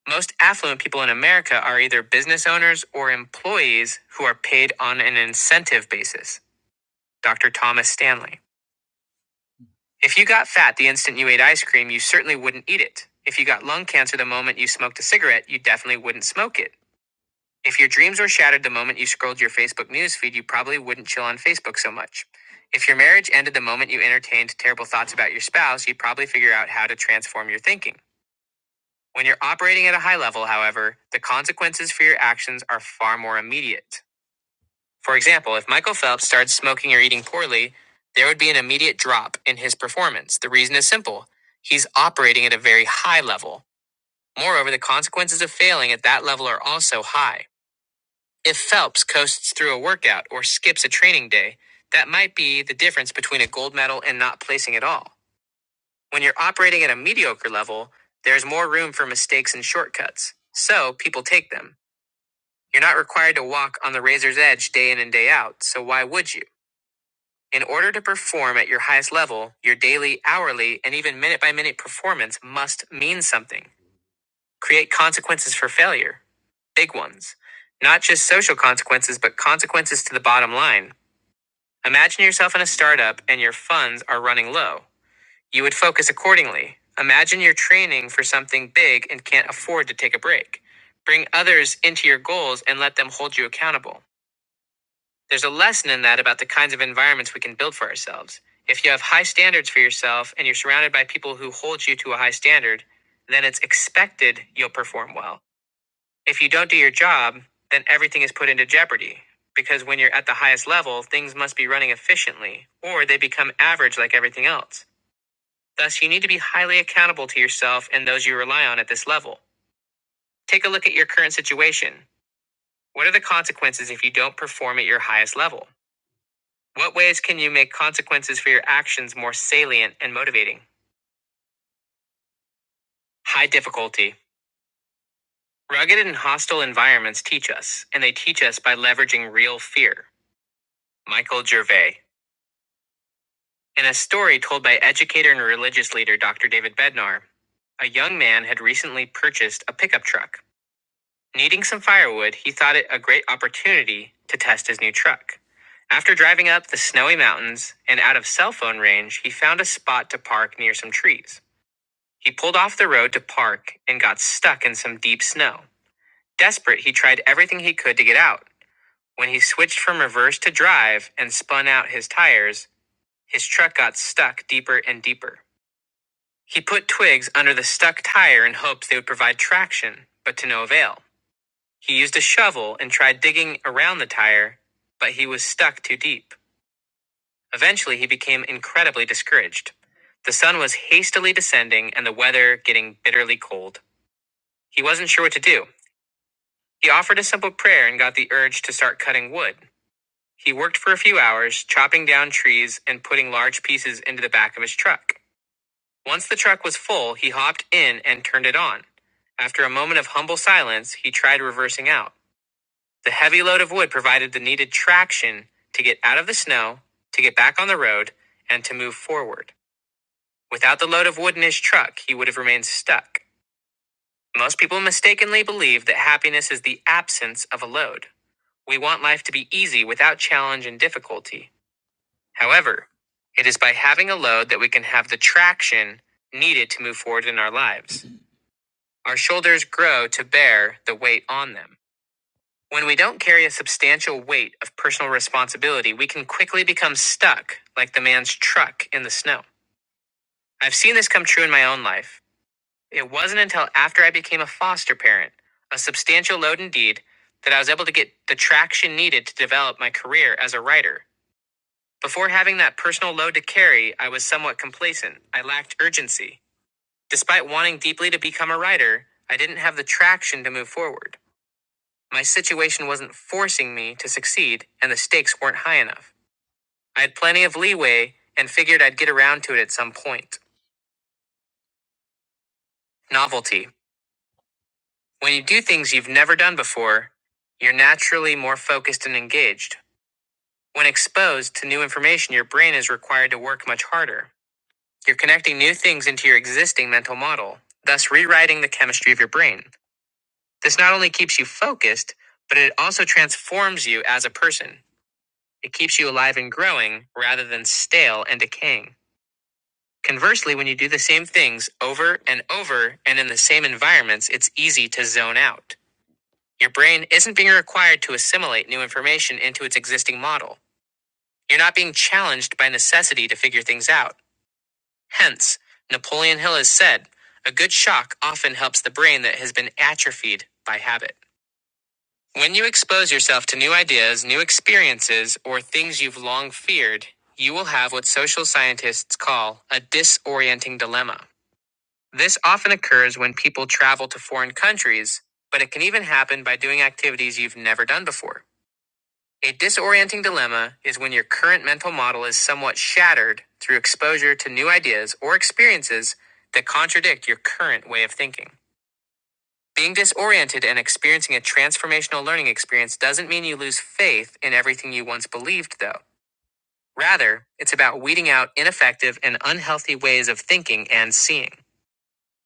S1: Most affluent people in America are either business owners or employees who are paid on an incentive basis. Dr. Thomas Stanley. If you got fat the instant you ate ice cream, you certainly wouldn't eat it. If you got lung cancer the moment you smoked a cigarette, you definitely wouldn't smoke it. If your dreams were shattered the moment you scrolled your Facebook newsfeed, you probably wouldn't chill on Facebook so much. If your marriage ended the moment you entertained terrible thoughts about your spouse, you'd probably figure out how to transform your thinking. When you're operating at a high level, however, the consequences for your actions are far more immediate. For example, if Michael Phelps started smoking or eating poorly, there would be an immediate drop in his performance. The reason is simple he's operating at a very high level. Moreover, the consequences of failing at that level are also high. If Phelps coasts through a workout or skips a training day, that might be the difference between a gold medal and not placing at all. When you're operating at a mediocre level, there's more room for mistakes and shortcuts. So people take them. You're not required to walk on the razor's edge day in and day out, so why would you? In order to perform at your highest level, your daily, hourly, and even minute by minute performance must mean something. Create consequences for failure. Big ones. Not just social consequences, but consequences to the bottom line. Imagine yourself in a startup and your funds are running low. You would focus accordingly. Imagine you're training for something big and can't afford to take a break. Bring others into your goals and let them hold you accountable. There's a lesson in that about the kinds of environments we can build for ourselves. If you have high standards for yourself and you're surrounded by people who hold you to a high standard, then it's expected you'll perform well. If you don't do your job, then everything is put into jeopardy. Because when you're at the highest level, things must be running efficiently, or they become average like everything else. Thus, you need to be highly accountable to yourself and those you rely on at this level. Take a look at your current situation. What are the consequences if you don't perform at your highest level? What ways can you make consequences for your actions more salient and motivating? High difficulty. Rugged and hostile environments teach us, and they teach us by leveraging real fear. Michael Gervais. In a story told by educator and religious leader Dr. David Bednar, a young man had recently purchased a pickup truck. Needing some firewood, he thought it a great opportunity to test his new truck. After driving up the snowy mountains and out of cell phone range, he found a spot to park near some trees. He pulled off the road to park and got stuck in some deep snow. Desperate, he tried everything he could to get out. When he switched from reverse to drive and spun out his tires, his truck got stuck deeper and deeper. He put twigs under the stuck tire in hopes they would provide traction, but to no avail. He used a shovel and tried digging around the tire, but he was stuck too deep. Eventually, he became incredibly discouraged. The sun was hastily descending and the weather getting bitterly cold. He wasn't sure what to do. He offered a simple prayer and got the urge to start cutting wood. He worked for a few hours, chopping down trees and putting large pieces into the back of his truck. Once the truck was full, he hopped in and turned it on. After a moment of humble silence, he tried reversing out. The heavy load of wood provided the needed traction to get out of the snow, to get back on the road, and to move forward. Without the load of wood in his truck, he would have remained stuck. Most people mistakenly believe that happiness is the absence of a load. We want life to be easy without challenge and difficulty. However, it is by having a load that we can have the traction needed to move forward in our lives. Our shoulders grow to bear the weight on them. When we don't carry a substantial weight of personal responsibility, we can quickly become stuck like the man's truck in the snow. I've seen this come true in my own life. It wasn't until after I became a foster parent, a substantial load indeed, that I was able to get the traction needed to develop my career as a writer. Before having that personal load to carry, I was somewhat complacent. I lacked urgency. Despite wanting deeply to become a writer, I didn't have the traction to move forward. My situation wasn't forcing me to succeed, and the stakes weren't high enough. I had plenty of leeway and figured I'd get around to it at some point. Novelty. When you do things you've never done before, you're naturally more focused and engaged. When exposed to new information, your brain is required to work much harder. You're connecting new things into your existing mental model, thus rewriting the chemistry of your brain. This not only keeps you focused, but it also transforms you as a person. It keeps you alive and growing rather than stale and decaying. Conversely, when you do the same things over and over and in the same environments, it's easy to zone out. Your brain isn't being required to assimilate new information into its existing model. You're not being challenged by necessity to figure things out. Hence, Napoleon Hill has said, a good shock often helps the brain that has been atrophied by habit. When you expose yourself to new ideas, new experiences, or things you've long feared, you will have what social scientists call a disorienting dilemma. This often occurs when people travel to foreign countries, but it can even happen by doing activities you've never done before. A disorienting dilemma is when your current mental model is somewhat shattered through exposure to new ideas or experiences that contradict your current way of thinking. Being disoriented and experiencing a transformational learning experience doesn't mean you lose faith in everything you once believed, though. Rather, it's about weeding out ineffective and unhealthy ways of thinking and seeing.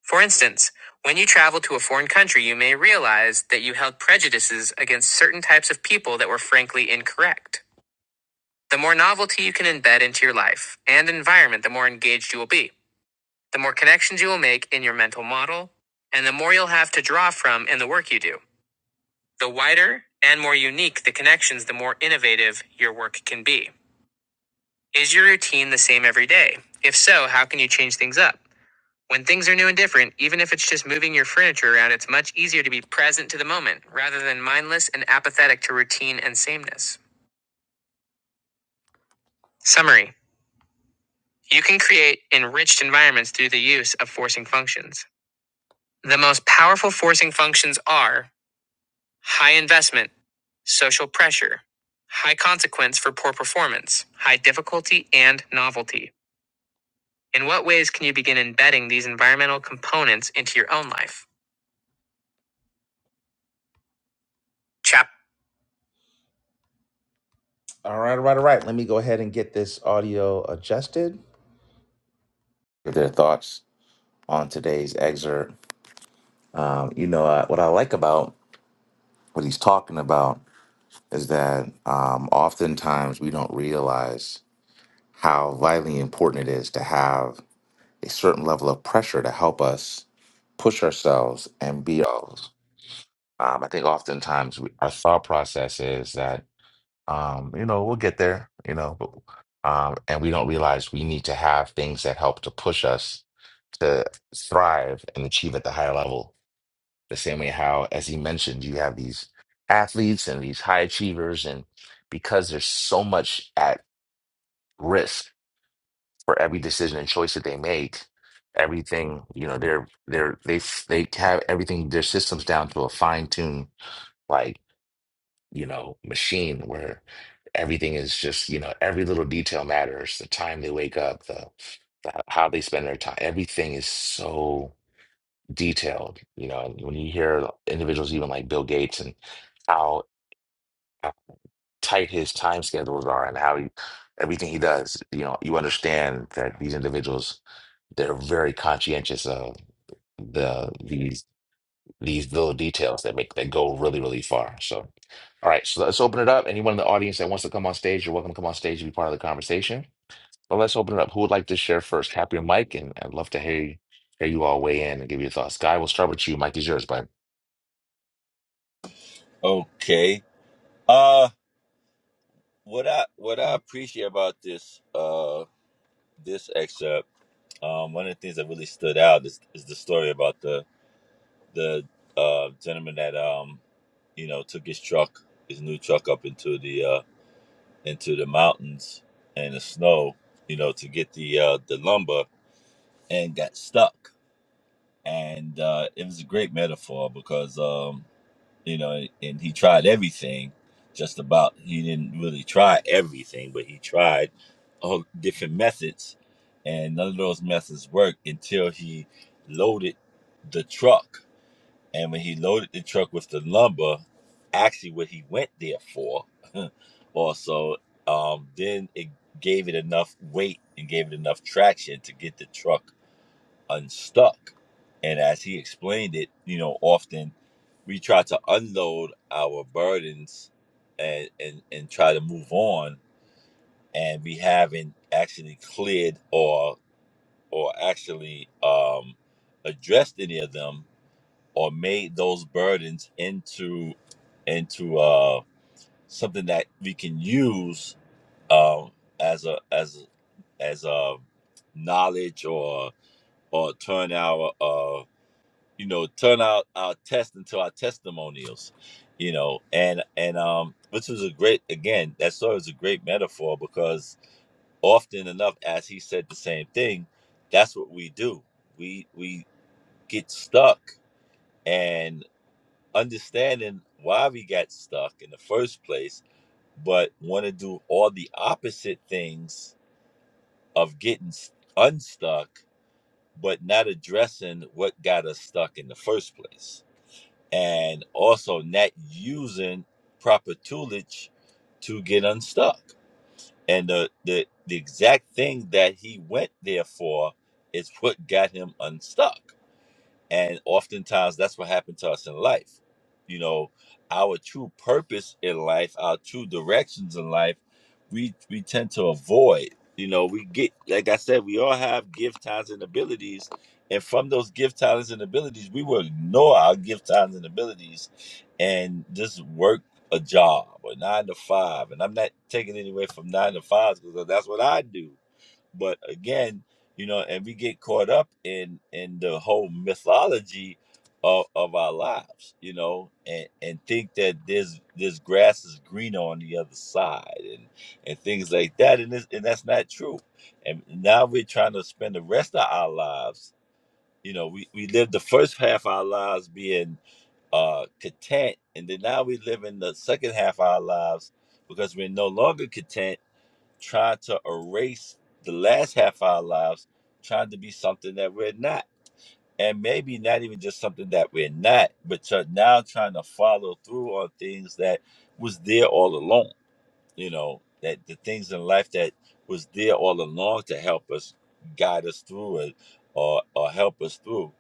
S1: For instance, when you travel to a foreign country, you may realize that you held prejudices against certain types of people that were frankly incorrect. The more novelty you can embed into your life and environment, the more engaged you will be, the more connections you will make in your mental model, and the more you'll have to draw from in the work you do. The wider and more unique the connections, the more innovative your work can be. Is your routine the same every day? If so, how can you change things up? When things are new and different, even if it's just moving your furniture around, it's much easier to be present to the moment rather than mindless and apathetic to routine and sameness. Summary You can create enriched environments through the use of forcing functions. The most powerful forcing functions are high investment, social pressure, high consequence for poor performance, high difficulty, and novelty. In what ways can you begin embedding these environmental components into your own life? Chap. All right, all right, all right. Let me go ahead and get this audio adjusted. Their thoughts on today's excerpt. Um, you know, uh, what I like about what he's talking about is that um, oftentimes we don't realize how vitally important it is to have a certain level of pressure to help us push ourselves and be ourselves. Um, I think oftentimes we, our thought process is that um, you know we'll get there, you know, but, um, and we don't realize we need to have things that help to push us to thrive and achieve at the higher level. The same way how, as he mentioned, you have these athletes and these high achievers, and because there's so much at risk for every decision and choice that they make, everything, you know, they're they're they f- they have everything their systems down to a fine-tuned like, you know, machine where everything is just, you know, every little detail matters, the time they wake up, the, the how they spend their time, everything is so detailed, you know, and when you hear individuals even like Bill Gates and how, how tight his time schedules are and how he, everything he does, you know, you understand that these individuals they're very conscientious of the these these little details that make that go really, really far. So, all right, so let's open it up. Anyone in the audience that wants to come on stage, you're welcome to come on stage and be part of the conversation. But let's open it up. Who would like to share first? Happy your mic, and I'd love to hear hear you all weigh in and give your thoughts. Guy, we'll start with you. Mike is yours, bud.
S7: Okay. Uh, what I what I appreciate about this uh this excerpt, um, one of the things that really stood out is is the story about the the uh gentleman that um you know took his truck, his new truck up into the uh into the mountains and the snow, you know, to get the uh, the lumber and got stuck. And uh, it was a great metaphor because um, you know, and he tried everything, just about. He didn't really try everything, but he tried all different methods, and none of those methods worked until he loaded the truck and when he loaded the truck with the lumber, actually what he went there for, also, um, then it gave it enough weight and gave it enough traction to get the truck unstuck. And as he explained it, you know, often we try to unload our burdens and and, and try to move on and we haven't actually cleared or or actually um addressed any of them or made those burdens into into uh something that we can use um as a as as a knowledge or or turn our uh you know turn out our test into our testimonials you know and and um which was a great again that story was a great metaphor because often enough as he said the same thing that's what we do we we get stuck and. understanding why we got stuck in the first place, but want to do all the opposite things of getting s- unstuck, but not addressing what got us stuck in the first place. And also not using proper toolage to get unstuck. And the, the, the exact thing that he went there for is what got him unstuck. And oftentimes that's what happened to us in life. You know, our true purpose in life, our true directions in life, we we tend to avoid. You know, we get like I said, we all have gift talents and abilities. And from those gift talents and abilities, we will ignore our gift talents and abilities and just work a job or nine to five. And I'm not taking it away from nine to fives because that's what I do but again you know and we get caught up in in the whole mythology of, of our lives you know and and think that there's this grass is greener on the other side and and things like that and this and that's not true and now we're trying to spend the rest of our lives you know we we lived the first half of our lives being uh content and then now we live in the second half of our lives because we're no longer content trying to erase the last half of our lives, trying to be something that we're not. And maybe not even just something that we're not, but you're now trying to follow through on things that was there all along you know that the things in life that was there all along to help us guide us through it or or help us through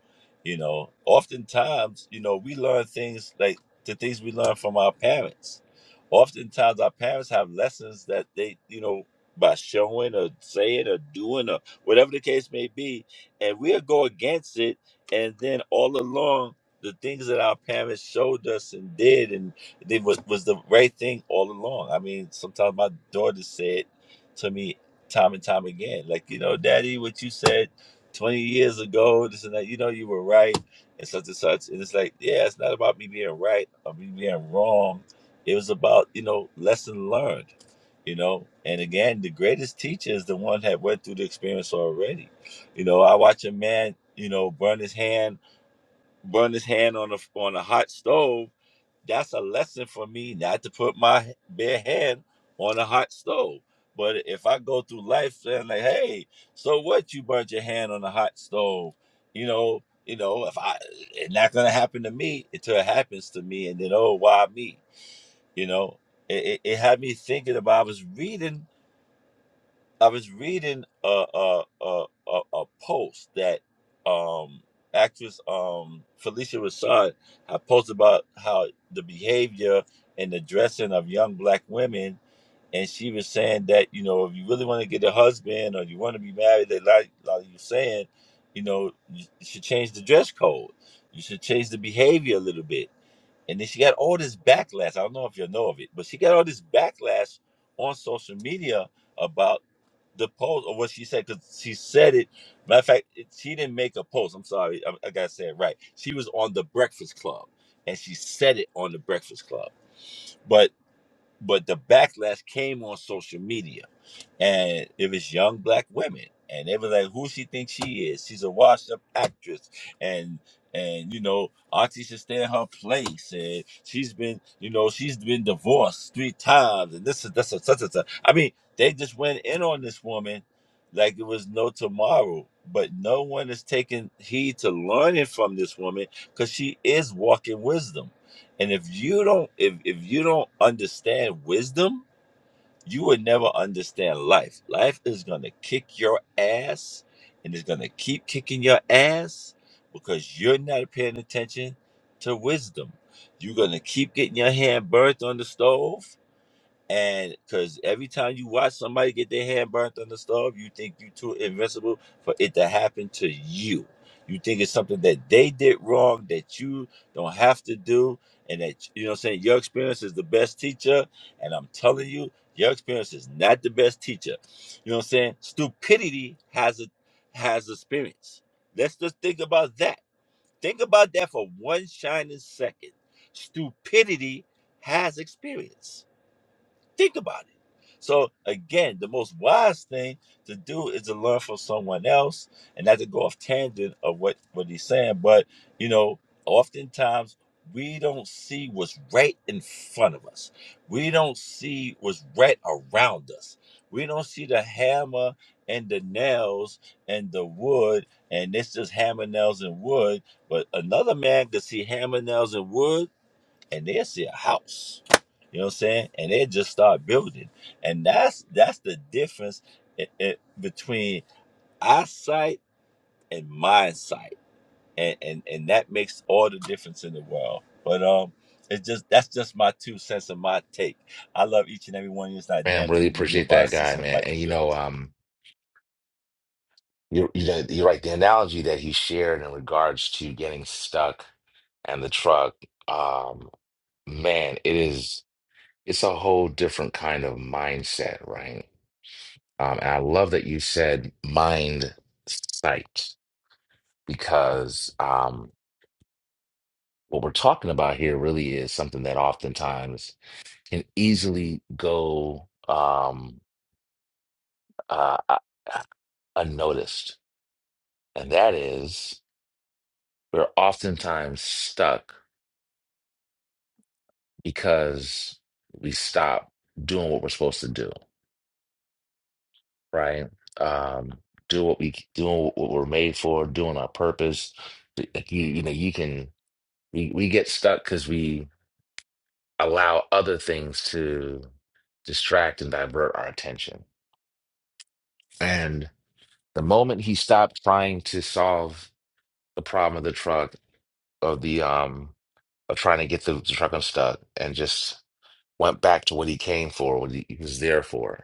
S7: you know oftentimes you know we learn things like the things we learn from our parents oftentimes our parents have lessons that they you know by showing or saying or doing or whatever the case may be and we'll go against it and then all along the things that our parents showed us and did and it was was the right thing all along. I mean, sometimes my daughter said to me time and time again, like, you know, Daddy, what you said twenty years ago, this and that, you know, you were right and such and such. And it's like, yeah, it's not about me being right or me being wrong. It was about, you know, lesson learned. You know, and again, the greatest teacher is the one that went through the experience already. You know, I watch a man, you know, burn his hand, burn his hand on a on a hot stove, that's a lesson for me not to put my bare hand on a hot stove. But if I go through life saying like, hey, so what you burnt your hand on a hot stove? You know, you know, if I it's not gonna happen to me until it happens to me and then oh why me? You know, it, it, it had me thinking about I was reading I was reading a a a a, a post that um actress um Felicia Rashad had posted about how the behavior and the dressing of young black women and she was saying that you know if you really want to get a husband or you want to be married they like like you saying you know you should change the dress code you should change the behavior a little bit and then she got all this backlash. I don't know if you know of it, but she got all this backlash on social media about the post or what she said because she said it. Matter of fact, it, she didn't make a post. I'm sorry, I, I gotta say it right. She was on the Breakfast Club and she said it on the Breakfast Club, but but the backlash came on social media and it was young black women and they were like who she thinks she is she's a washed up actress and and you know auntie should stay in her place and she's been you know she's been divorced three times and this is that's a such and such i mean they just went in on this woman like it was no tomorrow but no one is taking heed to learning from this woman because she is walking wisdom and if you don't if if you don't understand wisdom, you would never understand life. Life is going to kick your ass and it's going to keep kicking your ass because you're not paying attention to wisdom. You're going to keep getting your hand burnt on the stove and because every time you watch somebody get their hand burnt on the stove, you think you are too invincible for it to happen to you. You think it's something that they did wrong that you don't have to do, and that you know what I'm saying your experience is the best teacher. And I'm telling you, your experience is not the best teacher. You know what I'm saying? Stupidity has a has a spirits. Let's just think about that. Think about that for one shining second. Stupidity has experience Think about it. So again, the most wise thing to do is to learn from someone else and not to go off tangent of what, what he's saying. But you know, oftentimes we don't see what's right in front of us. We don't see what's right around us. We don't see the hammer and the nails and the wood, and it's just hammer, nails, and wood. But another man could see hammer, nails, and wood and they'll see a house. You know what I'm saying? And they just start building. And that's that's the difference i- i- between eyesight and mind sight. And, and and that makes all the difference in the world. But um it's just that's just my two cents and my take. I love each and every one of you. It's not a damn
S1: Man, really
S7: thing you can do
S1: appreciate
S7: about it.
S1: that guy,
S7: Cecil the
S1: man.
S7: mic
S1: And
S7: is
S1: you
S7: yours.
S1: know, um, you're, you know, you're right. The analogy that he shared in regards to getting stuck and the truck, um, man, it is. it's a whole different kind of mindset, right? Um, and I love that you said mind sight because um, what we're talking about here really is something that oftentimes can easily go um, uh, uh, uh, unnoticed, and that is we're oftentimes stuck because we stop doing what we're supposed to do. right? Um, do what we doing what we're made for, doing our purpose. Like you, you know, you can we, we get stuck because we allow other things to distract and divert our attention. And the moment he stopped trying to solve the problem of the truck of the um of trying to get the, the truck unstuck and just went back to what he came for, what he, he was there for.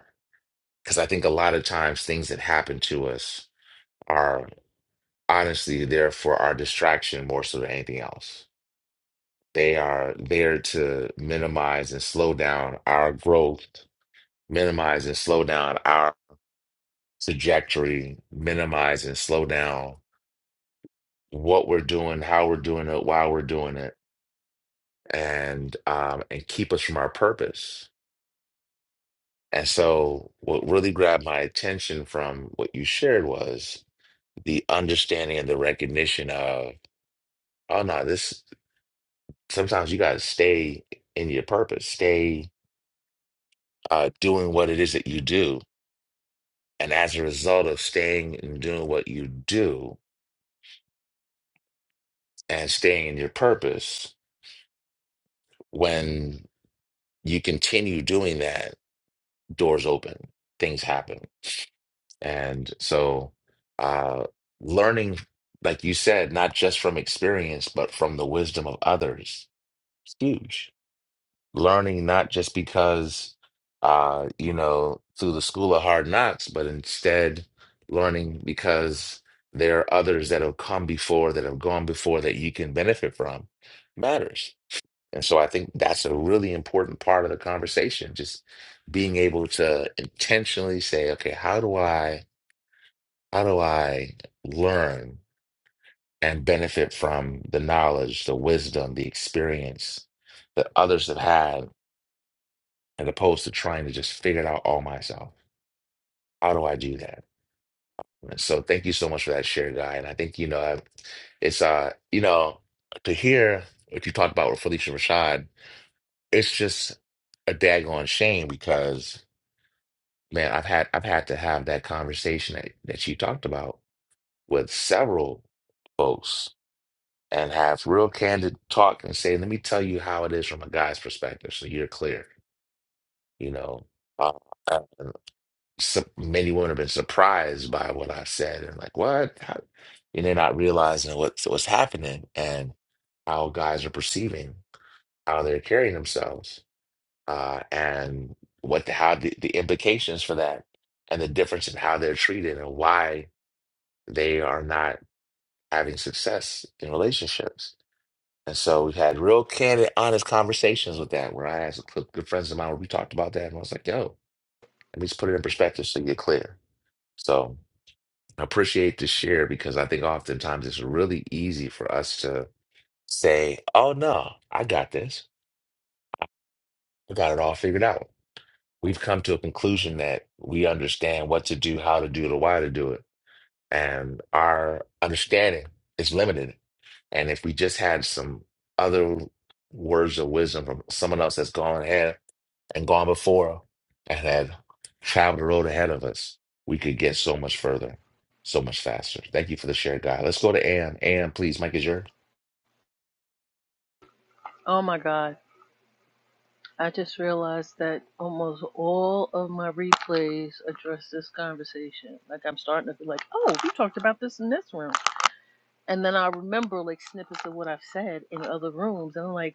S1: Because I think a lot of times things that happen to us honestly there for our distraction more so than anything else. They are there to minimize and slow down our growth, minimize and slow down our trajectory, minimize and slow down what we're doing, how we're doing it, why we're doing it, and um, and keep us from our purpose. And so, what really grabbed my attention from what you shared was the understanding and the recognition of, oh no, this sometimes you got to stay in your purpose, stay uh, doing what it is that you do. And as a result of staying and doing what you do and staying in your purpose, when you continue doing that, doors open, things happen. And so, uh, learning, like you said, not just from experience, but from the wisdom of others, it's huge learning not just because uh you know through the school of hard knocks but instead learning because there are others that have come before that have gone before that you can benefit from matters and so i think that's a really important part of the conversation just being able to intentionally say okay how do i how do i learn and benefit from the knowledge the wisdom the experience that others have had as opposed to trying to just figure it out all myself. How do I do that? And so thank you so much for that share, guy. And I think, you know, I- it's uh, you know, to hear what you talked about with Felicia Rashad, it's just a daggone shame because man, I've had I've had to have that conversation that, that you talked about with several folks and have real candid talk and say, let me tell you how it is from a guy's perspective, so you're clear, you know. Uh, some many women have been surprised by what I said and like, what? How? And they're not realizing what's what's happening and how guys are perceiving, how they're carrying themselves, uh, and what the, how the, the implications for that and the difference in how they're treated and why they are not having success in relationships. And so we've had real candid, honest conversations with that, where I asked good friends of mine, where we talked about that, and I was like, yo, let me just put it in perspective so you get clear. So. I appreciate the share because I think oftentimes it's really easy for us to say, oh no, I got this. I got it all figured out. We've come to a conclusion that we understand what to do, how to do it, or why to do it. And our understanding is limited. And if we just had some other words of wisdom from someone else that's gone ahead and gone before and had traveled the road ahead of us, we could get so much further, so much faster. Thank you for the share, guy. Let's go to Ann. Ann, please, Mike is yours.
S8: Oh my God. I just realized that almost all of my replays address this conversation. Like I'm starting to be like, oh, we talked about this in this room. And then I remember like snippets of what I've said in other rooms. And I'm like,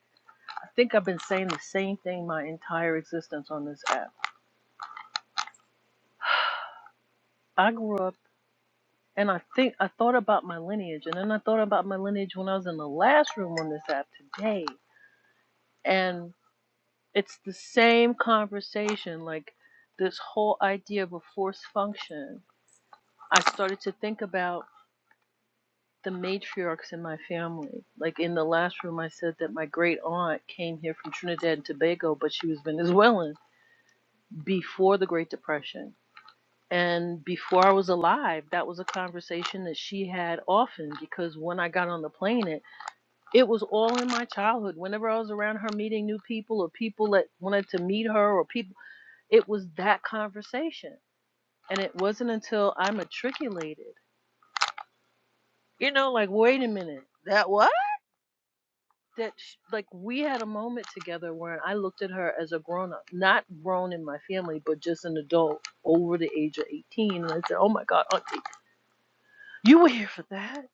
S8: I think I've been saying the same thing my entire existence on this app. I grew up and I think I thought about my lineage. And then I thought about my lineage when I was in the last room on this app today. And it's the same conversation, like this whole idea of a force function I started to think about the matriarchs in my family. Like in the last room, I said that my great aunt came here from Trinidad and Tobago, but she was Venezuelan before the Great Depression. And before I was alive, that was a conversation that she had often because when I got on the planet, it it was all in my childhood. Whenever I was around her meeting new people or people that wanted to meet her or people, it was that conversation. And it wasn't until I matriculated, you know, like, wait a minute, that what? that sh like we had a moment together where I looked at her as a grown up, not grown in my family, but just an adult over the age of 18. And I said, Oh my God, Auntie, you were here for that.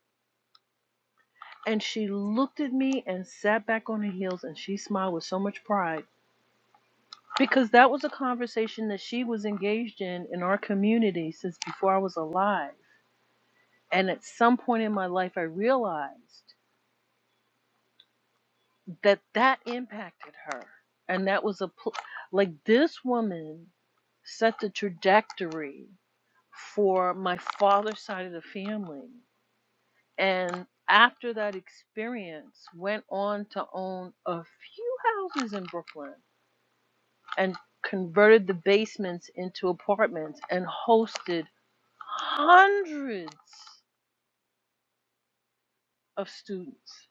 S8: And she looked at me and sat back on her heels and she smiled with so much pride because that was a conversation that she was engaged in in our community since before I was alive. And at some point in my life, I realized. that that impacted her and that was a pl- like this woman set the trajectory for my father's side of the family and after that experience went on to own a few houses in brooklyn and converted the basements into apartments and hosted hundreds of students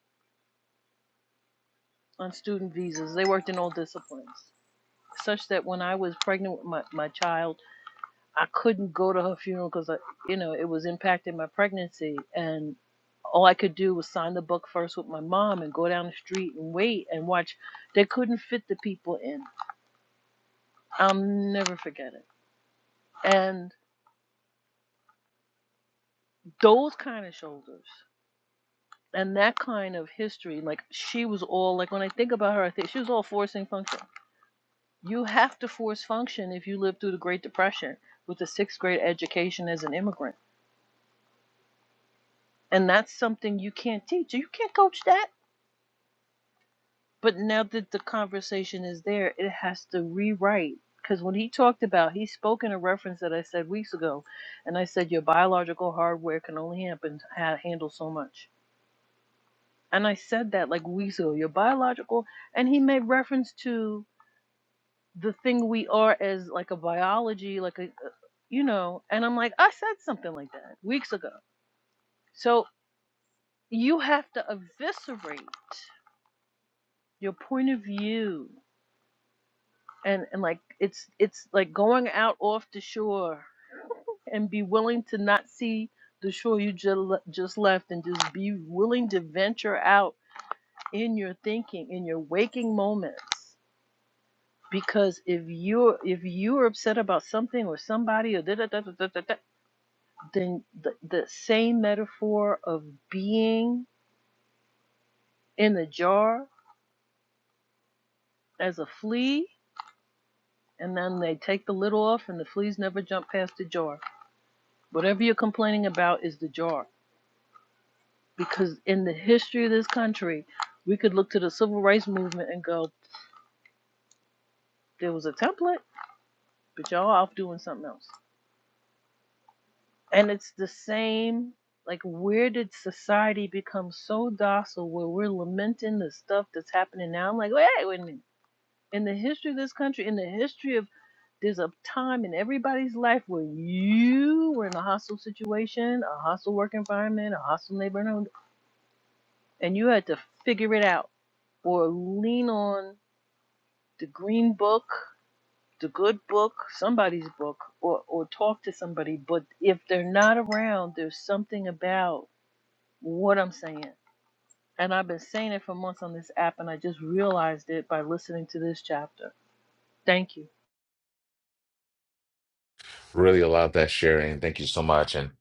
S8: on student visas they worked in all disciplines such that when i was pregnant with my, my child I couldn't go to her funeral because I, you know, it was impacting my pregnancy, and all I could do was sign the book first with my mom and go down the street and wait and watch. They couldn't fit the people in. I'll never forget it. And those kind of shoulders and that kind of history, like she was all like when I think about her, I think she was all forcing function. You have to force function if you live through the Great Depression with a sixth grade education as an immigrant. And that's something you can't teach. You can't coach that But now that the conversation is there, it has to rewrite. Because when he talked about, he spoke in a reference that I said weeks ago, and I said your biological hardware can only happen, ha- handle so much. And I said that like weeks ago, your biological, and he made reference to the thing we are as like a biology, like a, uh, you know, and I'm like, I said something like that weeks ago. So you have to eviscerate your point of view and and like it's it's like going out off the shore and be willing to not see the shore you just just left and just be willing to venture out in your thinking in your waking moments because if you're if you're upset about something or somebody or da da da da da da, da, then the, the same metaphor of being in the jar as a flea and then they take the lid off and the fleas never jump past the jar whatever you're complaining about is the jar because in the history of this country, we could look to the civil rights movement and go, there was a template, but y'all off doing something else. And it's the same, like, where did society become so docile where we're lamenting the stuff that's happening now? I'm like, wait, wait a minute. In the history of this country, in the history of there's a time in everybody's life where you were in a hostile situation, a hostile work environment, a hostile neighborhood, and you had to figure it out or lean on the green book, the good book, somebody's book, or, or talk to somebody. But if they're not around, there's something about what I'm saying. And I've been saying it for months on this app, and I just realized it by listening to this chapter. Thank you.
S1: Really love that sharing. Thank you so much. And,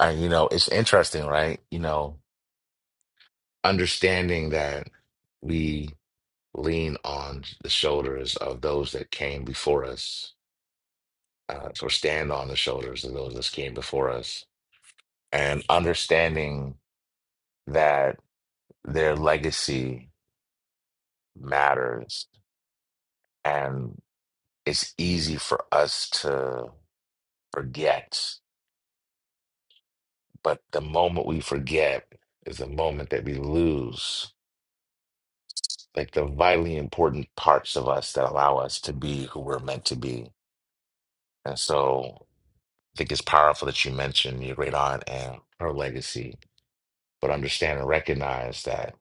S1: and you know, it's interesting, right? You know, understanding that we lean on the shoulders of those that came before us, uh, or stand on the shoulders of those that came before us, and understanding that their legacy matters And it's easy for us to forget, but the moment we forget is the moment that we lose like the vitally important parts of us that allow us to be who we're meant to be. And so I think it's powerful that you mentioned your great aunt and her legacy, but understand and recognize that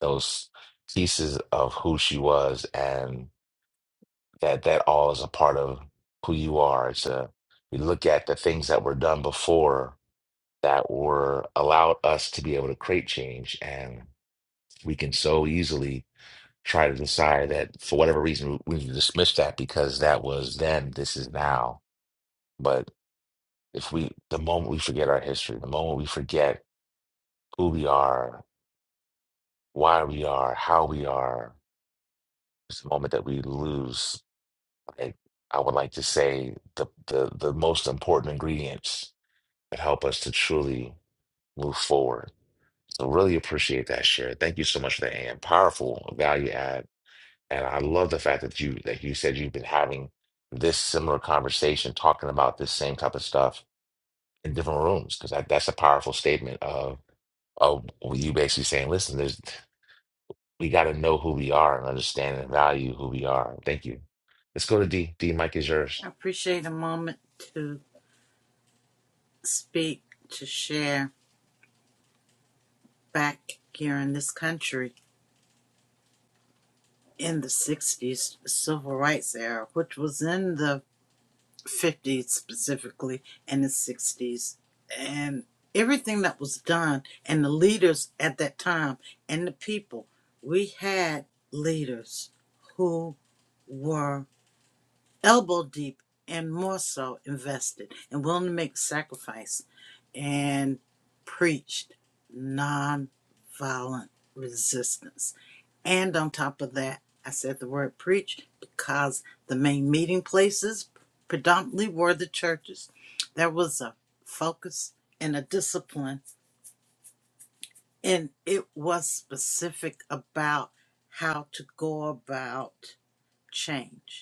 S1: those pieces of who she was and that that all is a part of who you are. It's a, we look at the things that were done before that were allowed us to be able to create change. And we can so easily try to decide that for whatever reason we we dismiss that because that was then, this is now. But if we, the moment we forget our history, the moment we forget who we are, why we are, how we are, it's the moment that we lose. Like I would like to say the the the most important ingredients that help us to truly move forward So really appreciate that share. Thank you so much for that and powerful value add. And I love the fact that you that you said you've been having this similar conversation, talking about this same type of stuff in different rooms, because that, that's a powerful statement of of you basically saying, listen, there's we got to know who we are and understand and value who we are. Thank you. Let's go to D. D. Mike is
S2: I
S1: yours.
S2: appreciate a moment to speak, to share back here in this country in the 60s, civil rights era, which was in the 50s specifically and the 60s, and everything that was done, and the leaders at that time, and the people. We had leaders who were elbow deep and more so invested and willing to make sacrifice and preached nonviolent resistance. And on top of that, I said the word preach because the main meeting places predominantly were the churches. There was a focus and a discipline, and it was specific about how to go about change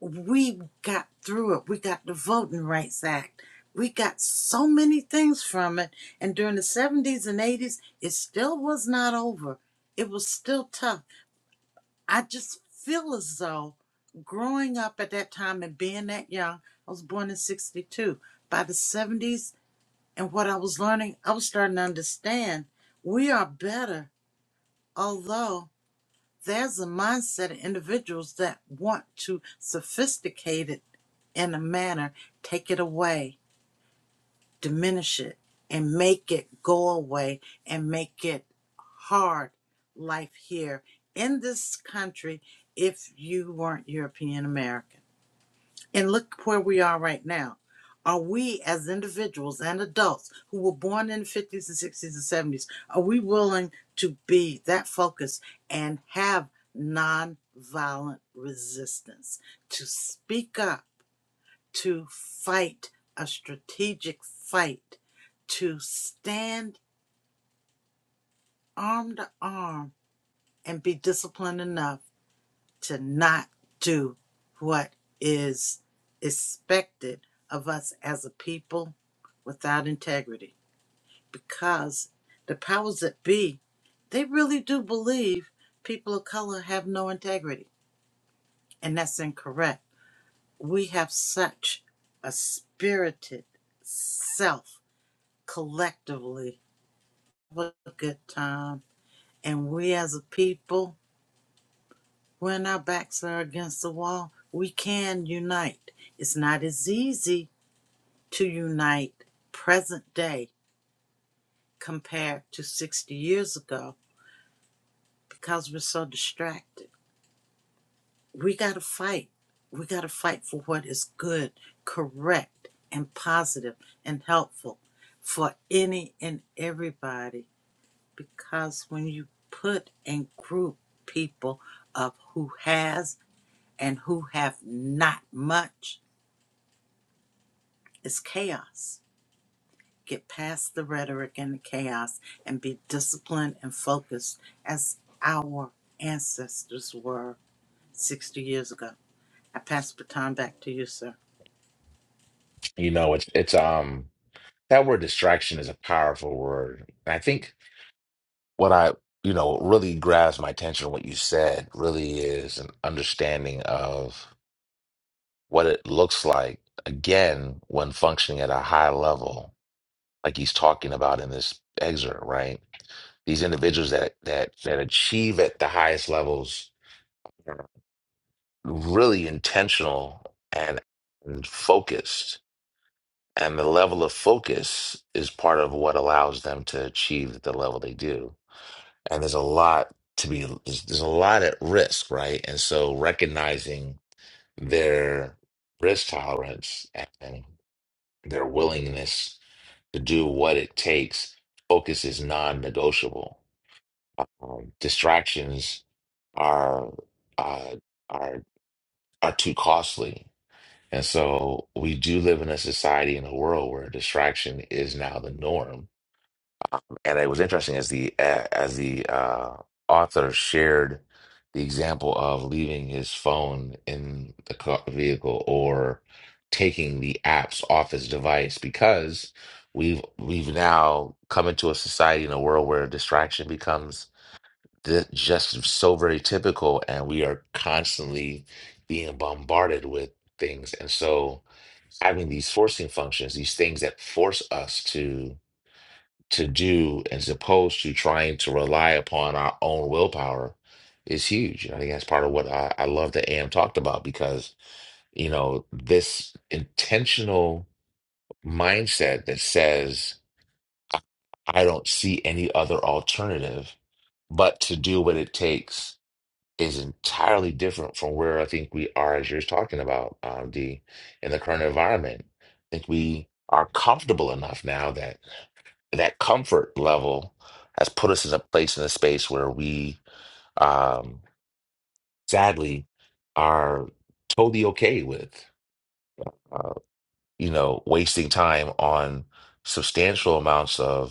S2: we got through it. We got the Voting Rights Act. We got so many things from it. And during the 70s and 80s, it still was not over. It was still tough. I just feel as though growing up at that time and being that young, I was born in 62. By the 70s and what I was learning, I was starting to understand we are better, although there's a mindset of individuals that want to sophisticate it in a manner, take it away, diminish it, and make it go away and make it hard life here in this country if you weren't European American. And look where we are right now. Are we as individuals and adults who were born in the 50s and 60s and 70s, are we willing to be that focused and have nonviolent resistance to speak up, to fight a strategic fight, to stand arm to arm and be disciplined enough? to not do what is expected of us as a people without integrity because the powers that be they really do believe people of color have no integrity and that's incorrect we have such a spirited self collectively have a good time and we as a people When our backs are against the wall, we can unite. It's not as easy to unite present day compared to 60 years ago because we're so distracted. We got to fight. We got to fight for what is good, correct, and positive and helpful for any and everybody because when you put and group people of who has and who have not much is chaos. Get past the rhetoric and the chaos and be disciplined and focused as our ancestors were 60 years ago. I pass the baton back to you, sir.
S1: You know, it's it's um that word distraction is a powerful word. And I think. what I, you know, really grabs my attention, what you said really is an understanding of what it looks like, again, when functioning at a high level, like he's talking about in this excerpt, right? These individuals that that that achieve at the highest levels are really intentional and, and focused. And the level of focus is part of what allows them to achieve the level they do and there's a lot to be there's, there's a lot at risk right and so recognizing their risk tolerance and their willingness to do what it takes focus is non-negotiable um, distractions are uh, are are too costly and so we do live in a society in a world where distraction is now the norm And it was interesting as the uh, as the uh, author shared the example of leaving his phone in the car vehicle or taking the apps off his device because we've we've now come into a society in a world where distraction becomes th- just so very typical, and we are constantly being bombarded with things, and so having these forcing functions, these things that force us to to do as opposed to trying to rely upon our own willpower is huge. And I think that's part of what I, I love that AM talked about because, you know, this intentional mindset that says, I I don't see any other alternative but to do what it takes is entirely different from where I think we are, as you're talking about, um, D, in the current environment. I think we are comfortable enough now that that comfort level has put us in a place in a space where we um sadly are totally okay with uh, you know wasting time on substantial amounts of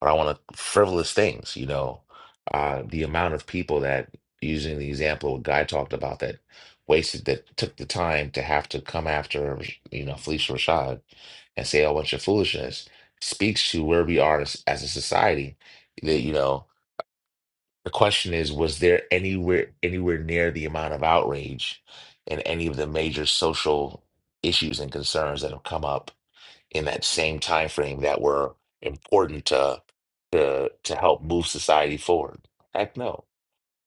S1: or I want to frivolous things, you know. Uh, the amount of people that, using the example of a guy talked about that wasted, that took the time to have to come after, you know, Felicia Rashad and say a bunch of foolishness speaks to where we are as, as a society. That, you know, the question is, was there anywhere, anywhere near the amount of outrage and any of the major social issues and concerns that have come up? in that same time frame that were important to to to help move society forward. Heck no.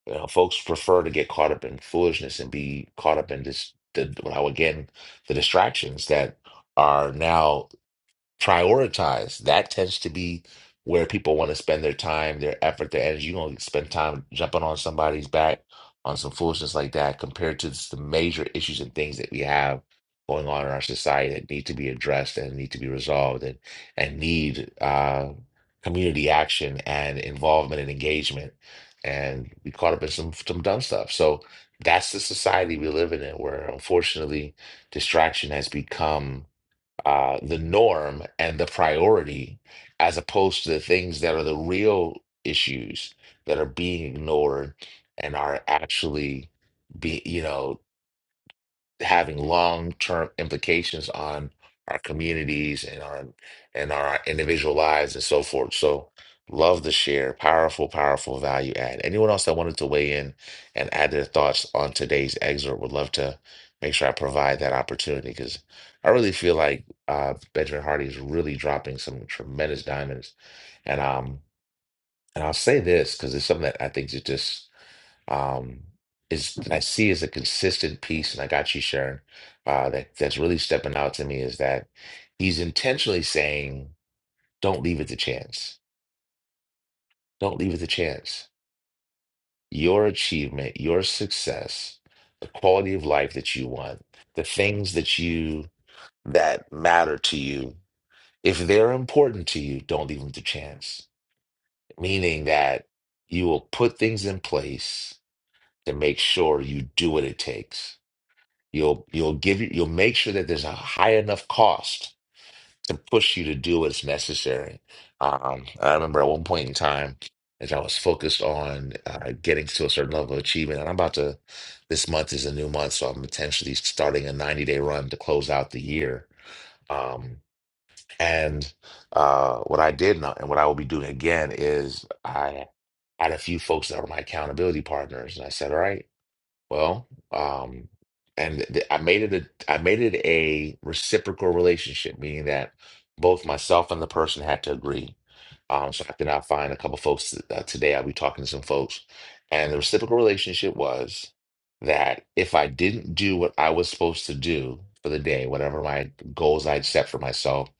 S1: You know, folks prefer to get caught up in foolishness and be caught up in this the now again the distractions that are now prioritize. That tends to be where people want to spend their time, their effort, their energy. You don't spend time jumping on somebody's back on some foolishness like that compared to just the major issues and things that we have going on in our society that need to be addressed and need to be resolved and and need uh, community action and involvement and engagement. And we caught up in some some dumb stuff. So that's the society we live in, where unfortunately distraction has become uh, the norm and the priority as opposed to the things that are the real issues that are being ignored and are actually be you know having long-term implications on our communities and on and our individual lives and so forth. So love the share. Powerful, powerful value add. Anyone else that wanted to weigh in and add their thoughts on today's excerpt would love to make sure I provide that opportunity because I really feel like uh, Benjamin Hardy is really dropping some tremendous diamonds. And um and I'll say this because it's something that I think is just um, is that I see is a consistent piece, and I got you, Sharon. Uh, that that's really stepping out to me is that he's intentionally saying, "Don't leave it to chance. Don't leave it to chance. Your achievement, your success, the quality of life that you want, the things that you that matter to you, if they're important to you, don't leave them to chance. Meaning that you will put things in place to make sure you do what it takes." You'll you'll give you you'll make sure that there's a high enough cost to push you to do what's necessary. Um, I remember at one point in time, as I was focused on uh, getting to a certain level of achievement, and I'm about to. This month is a new month, so I'm potentially starting a 90 day run to close out the year. Um, and uh, what I did not, and what I will be doing again is I had a few folks that were my accountability partners, and I said, "All right." Well, um, and th I made it a I made it a reciprocal relationship, meaning that both myself and the person had to agree. Um, so I did not find a couple folks th- uh, today. I'll be talking to some folks, and the reciprocal relationship was that if I didn't do what I was supposed to do for the day, whatever my goals I'd set for myself,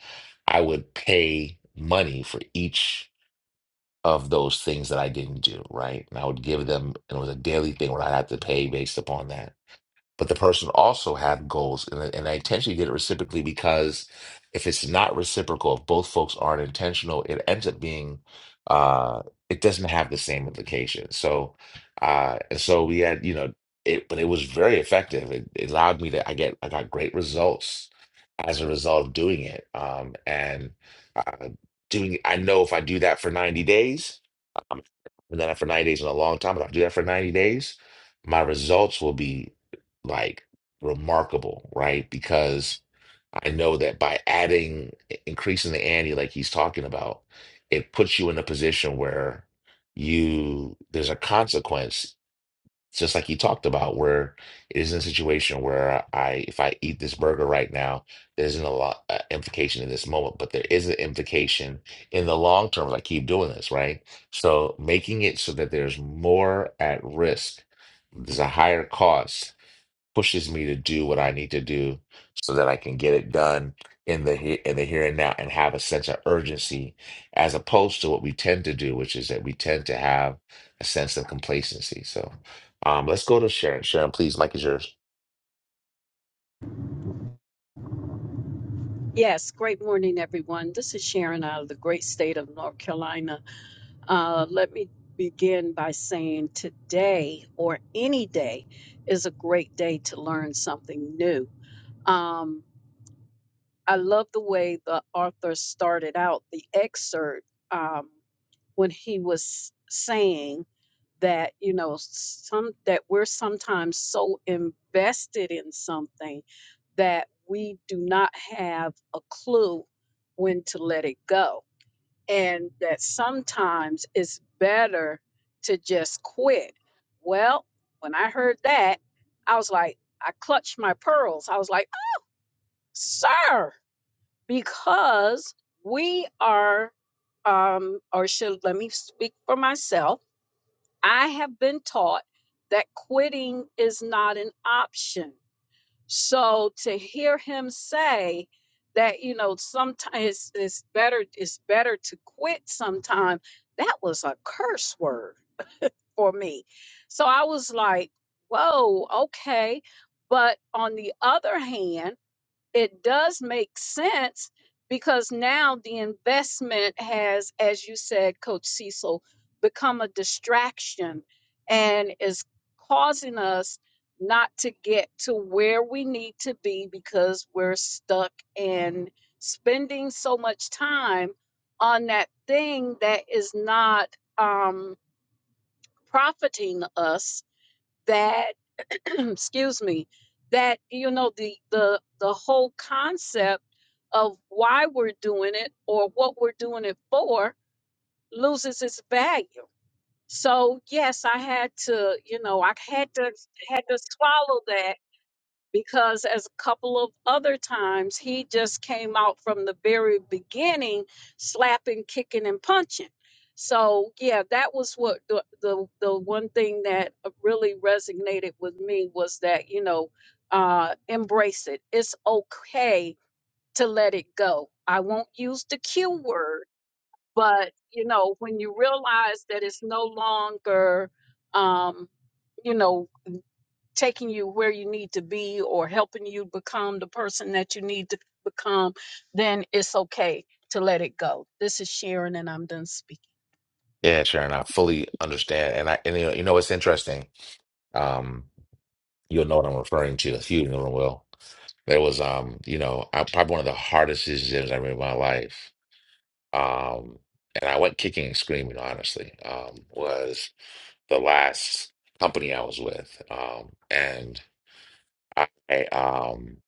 S1: I would pay money for each of those things that I didn't do, right? And I would give them, and it was a daily thing where I had to pay based upon that but the person also had goals and, I- and i intentionally did it reciprocally because if it's not reciprocal if both folks aren't intentional it ends up being uh it doesn't have the same implication so uh and so we had you know it but it was very effective it, it allowed me to i get i got great results as a result of doing it um and uh doing i know if i do that for 90 days um, i've done that for 90 days in a long time if i do that for 90 days my results will be like remarkable, right? Because I know that by adding, increasing the ante like he's talking about, it puts you in a position where you, there's a consequence, just like he talked about, where it isn't a situation where I, if I eat this burger right now, there isn't a lot uh, implication in this moment, but there is an implication in the long term. if I keep doing this, right? So making it so that there's more at risk, there's a higher cost pushes me to do what I need to do so that I can get it done in the he- in the here and now and have a sense of urgency as opposed to what we tend to do, which is that we tend to have a sense of complacency. So um, let's go to Sharon. Sharon, please, Mike is yours.
S4: Yes, great morning, everyone. This is Sharon out of the great state of North Carolina. Uh, let me begin by saying today or any day is a great day to learn something new. Um, I love the way the author started out the excerpt um, when he was saying that you know some that we're sometimes so invested in something that we do not have a clue when to let it go and that sometimes it's better to just quit. Well, when I heard that, I was like, I clutched my pearls. I was like, sir, because we are, um, or should let me speak for myself. I have been taught that quitting is not an option so to hear him say that, you know, sometimes it's, it's better it's better to quit sometime, that was a curse word for me. So I was like, whoa, okay. But on the other hand, it does make sense because now the investment has, as you said, Coach Cecil, become a distraction and is causing us not to get to where we need to be because we're stuck in spending so much time on that thing that is not um, profiting us. That excuse me that you know the the the whole concept of why we're doing it or what we're doing it for loses its value so yes i had to you know i had to had to swallow that because as a couple of other times he just came out from the very beginning slapping kicking and punching so yeah that was what the the, the one thing that really resonated with me was that you know uh embrace it it's okay to let it go i won't use the q word but you know when you realize that it's no longer um you know taking you where you need to be or helping you become the person that you need to become, then it's okay to let it go. This is Sharon, and I'm done speaking.
S1: Yeah, Sharon, I fully understand. And I and you know, you know what's interesting? Um, you'll know what I'm referring to. If you know will. There was um, you know, I, probably one of the hardest decisions I made in my life um, and I went kicking and screaming, honestly, um, was the last company I was with. Um, and I, um,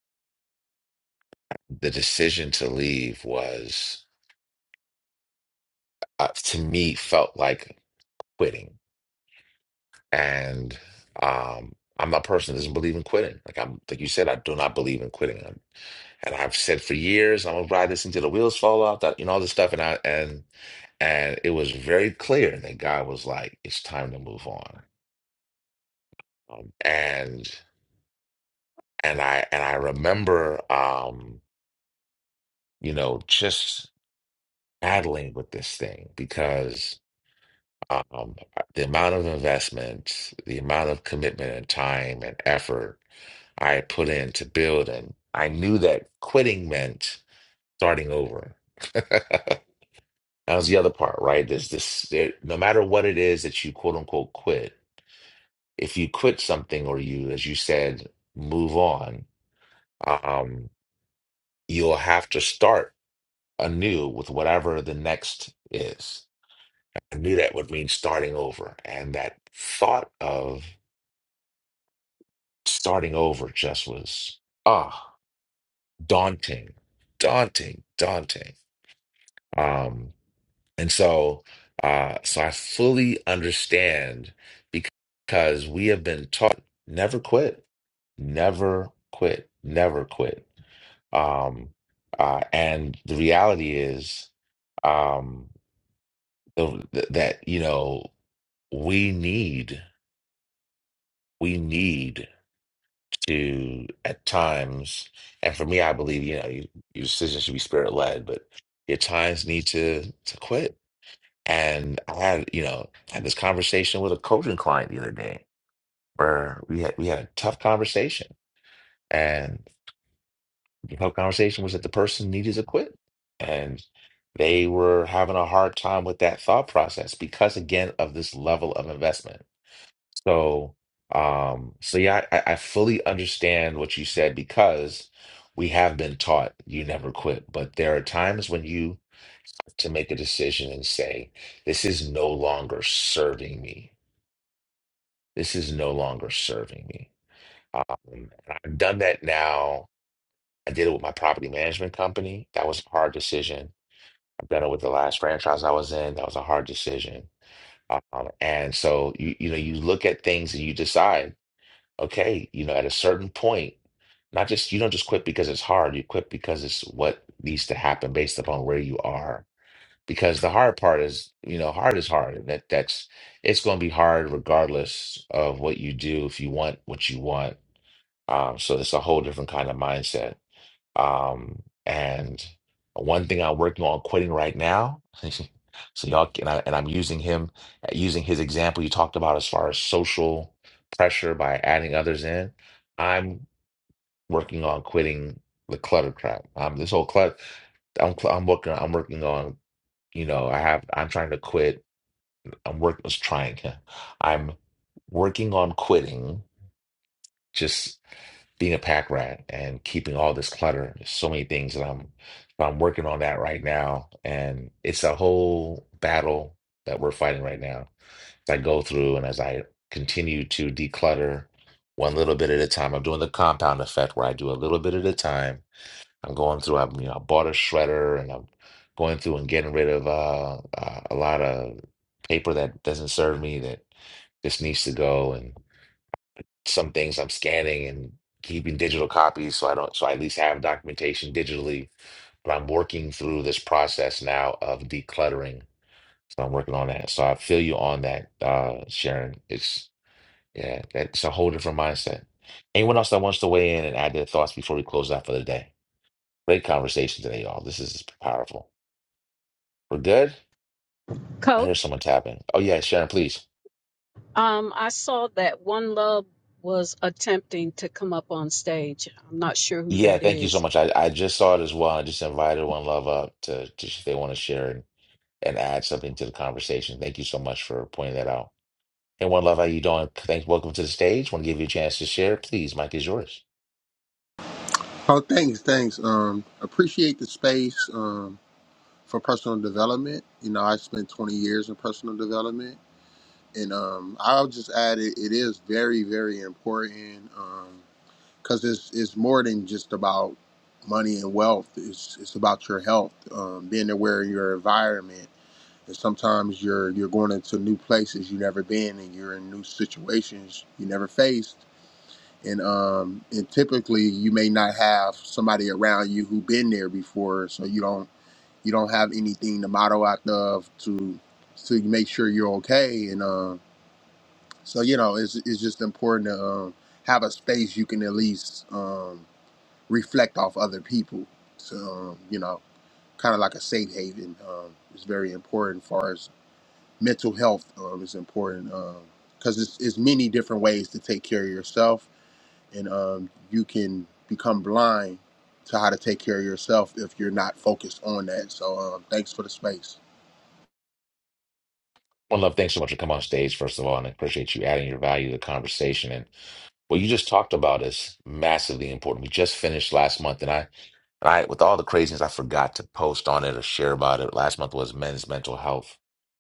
S1: the decision to leave was, uh, to me, felt like quitting. And um, I'm a person that doesn't believe in quitting. Like I'm, like you said, I do not believe in quitting. i and I've said for years, I'm gonna ride this until the wheels fall off. That you know all this stuff, and I and and it was very clear that God was like, it's time to move on um, and and I and I remember um, you know just battling with this thing because um, the amount of investment, the amount of commitment and time and effort I had put in to build, and I knew that quitting meant starting over. that was the other part, right? There's this, there, no matter what it is that you quote unquote quit, if you quit something or you, as you said, move on, um, you'll have to start anew with whatever the next is. I knew that would mean starting over. And that thought of starting over just was ah daunting, daunting, daunting. Um, and so uh so I fully understand because we have been taught never quit, never quit, never quit. Um uh and the reality is um the, th- that you know we need we need to at times and for me i believe you know you, your decisions should be spirit led but your times need to to quit and i had you know I had this conversation with a coaching client the other day where we had we had a tough conversation and the tough conversation was that the person needed to quit and they were having a hard time with that thought process because again of this level of investment So, um, so yeah, I, I fully understand what you said because we have been taught you never quit, but there are times when you have to make a decision and say, this is no longer serving me. This is no longer serving me. Um, and I've done that now. I did it with my property management company. That was a hard decision. I've done it with the last franchise I was in. That was a hard decision. Um, and so you you know you look at things and you decide. okay, you know, at a certain point, not just you don't just quit because it's hard, you quit because it's what needs to happen based upon where you are. Because the hard part is, you know, hard is hard. And that that's it's gonna be hard regardless of what you do if you want what you want. Um, so it's a whole different kind of mindset. Um, and one thing I'm working on quitting right now. So y'all can, and, I, and I'm using him, using his example you talked about as far as social pressure by adding others in. I'm working on quitting the clutter trap. Um, this whole clutter, I'm cl- I'm working I'm working on you know I have I'm trying to quit I'm work was trying I'm working on quitting Just being a pack rat and keeping all this clutter. There's so many things that I'm I'm working on that right now, and it's a whole battle that we're fighting right now. As I go through and as I continue to declutter one little bit at a time, I'm doing the compound effect where I do a little bit at a time. I'm going through. I've you know I bought a shredder and I'm going through and getting rid of uh, uh, a lot of paper that doesn't serve me that just needs to go and some things I'm scanning and keeping digital copies so I don't so I at least have documentation digitally. But I'm working through this process now of decluttering. So I'm working on that. So I feel you on that, uh, Sharon. It's yeah, that's a whole different mindset. Anyone else that wants to weigh in and add their thoughts before we close out for the day? Great conversation today, y'all. This is powerful. We're good? I hear
S4: Coach?
S1: someone tapping. Oh yeah, Sharon, please.
S4: Um, I saw that One Love was attempting to come up on stage. I'm not sure who
S1: Yeah,
S4: that
S1: thank you so
S4: is.
S1: much. I, I just saw it as well. I just invited one love up to, to if they want to share. and add something to the conversation. Thank you so much for pointing that out. And one love, how you doing? Thanks. Welcome to the stage. Want to give you a chance to share. Please, Mike is yours.
S9: Oh, thanks, thanks. Um, appreciate the space um, for personal development. You know, I spent 20 years in personal development, and um, I'll just add it. It is very, very important because it's it's more than just about money and wealth. It's it's about your health, um, being aware of your environment. And sometimes you're you're going into new places you've never been, and you're in new situations you never faced and um and typically you may not have somebody around you who been there before so you don't you don't have anything to model out of to to make sure you're okay and um so you know it's it's just important to um have a space you can at least um reflect off other people so um, you know kind of like a safe haven um is very important as far as mental health um is important um because it's, it's many different ways to take care of yourself and um, you can become blind to how to take care of yourself if you're not focused on that. So um, thanks for the space.
S1: One love, thanks so much for coming on stage, first of all, and I appreciate you adding your value to the conversation. And what you just talked about is massively important. We just finished last month, and I, and I, with all the craziness, I forgot to post on it or share about it. Last month was Men's Mental Health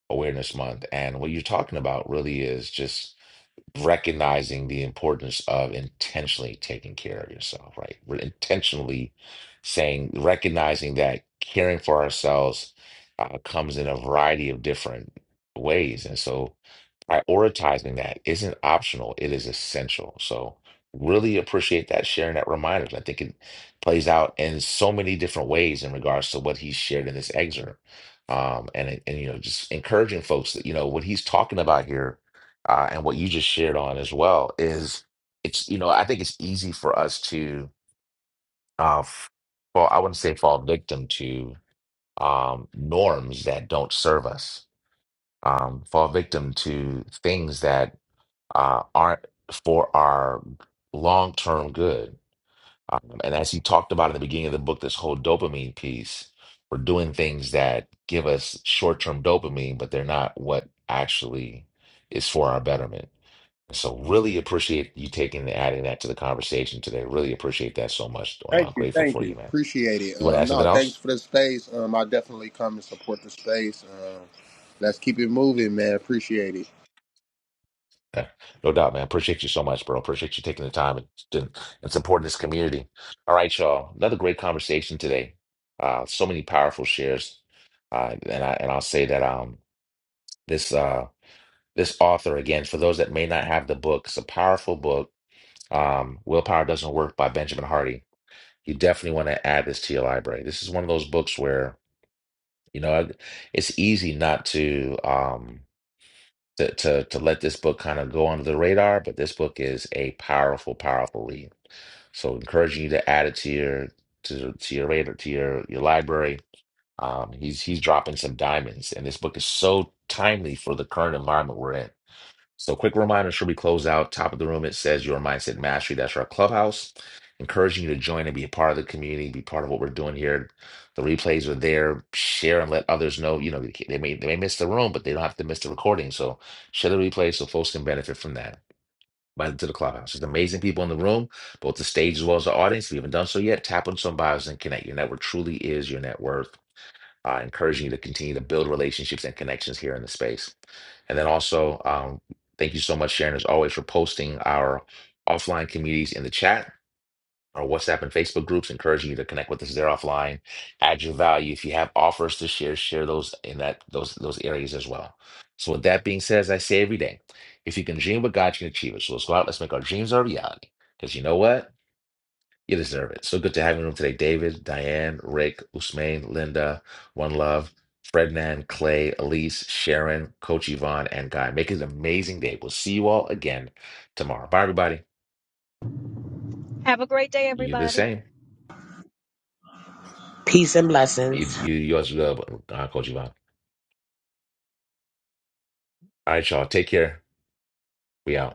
S1: Awareness Month, and what you're talking about really is just recognizing the importance of intentionally taking care of yourself, right? We're intentionally saying, recognizing that caring for ourselves uh, comes in a variety of different ways. And so prioritizing that isn't optional, it is essential. So really appreciate that sharing that reminder. I think it plays out in so many different ways in regards to what he shared in this excerpt. Um, and, it- and you know, just encouraging folks that, you know, what he's talking about here uh, and what you just shared on as well is it's you know I think it's easy for us to uh f- well I wouldn't say fall victim to um norms that don't serve us um fall victim to things that uh aren't for our long-term good um, and as he talked about at the beginning of the book this whole dopamine piece we're doing things that give us short-term dopamine but they're not what actually is for our betterment so really appreciate you taking and adding that to the conversation today. Really appreciate that so much. Doyle. I'm
S9: Thank you,
S1: grateful
S9: thank
S1: for you,
S9: you.
S1: man.
S9: Appreciate it.
S1: You want to add
S9: Um,
S1: something
S9: no, thanks
S1: else?
S9: for the space. Um, I'll definitely come and support the space. Um, let's keep it moving, man. Appreciate it.
S1: Yeah, no doubt, man. Appreciate you so much, bro. Appreciate you taking the time and, and, and supporting this community. All right, y'all. Another great conversation today. Uh, so many powerful shares. Uh, and I and I'll say that um this uh this author again for those that may not have the book, it's a powerful book. Um, Willpower Doesn't Work by Benjamin Hardy. You definitely want to add this to your library. This is one of those books where You know, I- it's easy not to um to to, to let this book kind of go under the radar, but this book is a powerful, powerful read. So encouraging you to add it to your to to your radar to your your library. Um, he's he's dropping some diamonds, and this book is so timely for the current environment we're in so, quick reminder should we close out? Top of the room, it says Your Mindset Mastery. That's our clubhouse. Encouraging you to join and be a part of the community, be part of what we're doing here. The replays are there. Share and let others know. You know, they they may they may miss the room, but they don't have to miss the recording. So share the replay so folks can benefit from that. Invite them to the clubhouse. There's amazing people in the room, both the stage as well as the audience. If you haven't done so yet, tap on some bios and connect. Your network truly is your net worth uh, encouraging you to continue to build relationships and connections here in the space. And then also, um, thank you so much, Sharon, as always, for posting our offline communities in the chat, our WhatsApp and Facebook groups, encouraging you to connect with us there offline, add your value. If you have offers to share, share those in that those those areas as well. So with that being said, as I say every day, if you can dream what God you can achieve it. So let's go out, let's make our dreams our reality. Because you know what? You deserve it. So good to have you on today, David, Diane, Rick, Usmain, Linda, One Love, Frednan, Clay, Elise, Sharon, Coach Yvonne, and Guy. Make it an amazing day. We'll see you all again tomorrow. Bye, everybody.
S4: Have a great day,
S1: You the
S4: everybody.
S1: same.
S10: Peace and
S1: You,
S10: blessings.
S1: you, you as well, uh, Coach Yvonne. All right, y'all. Take care. We out.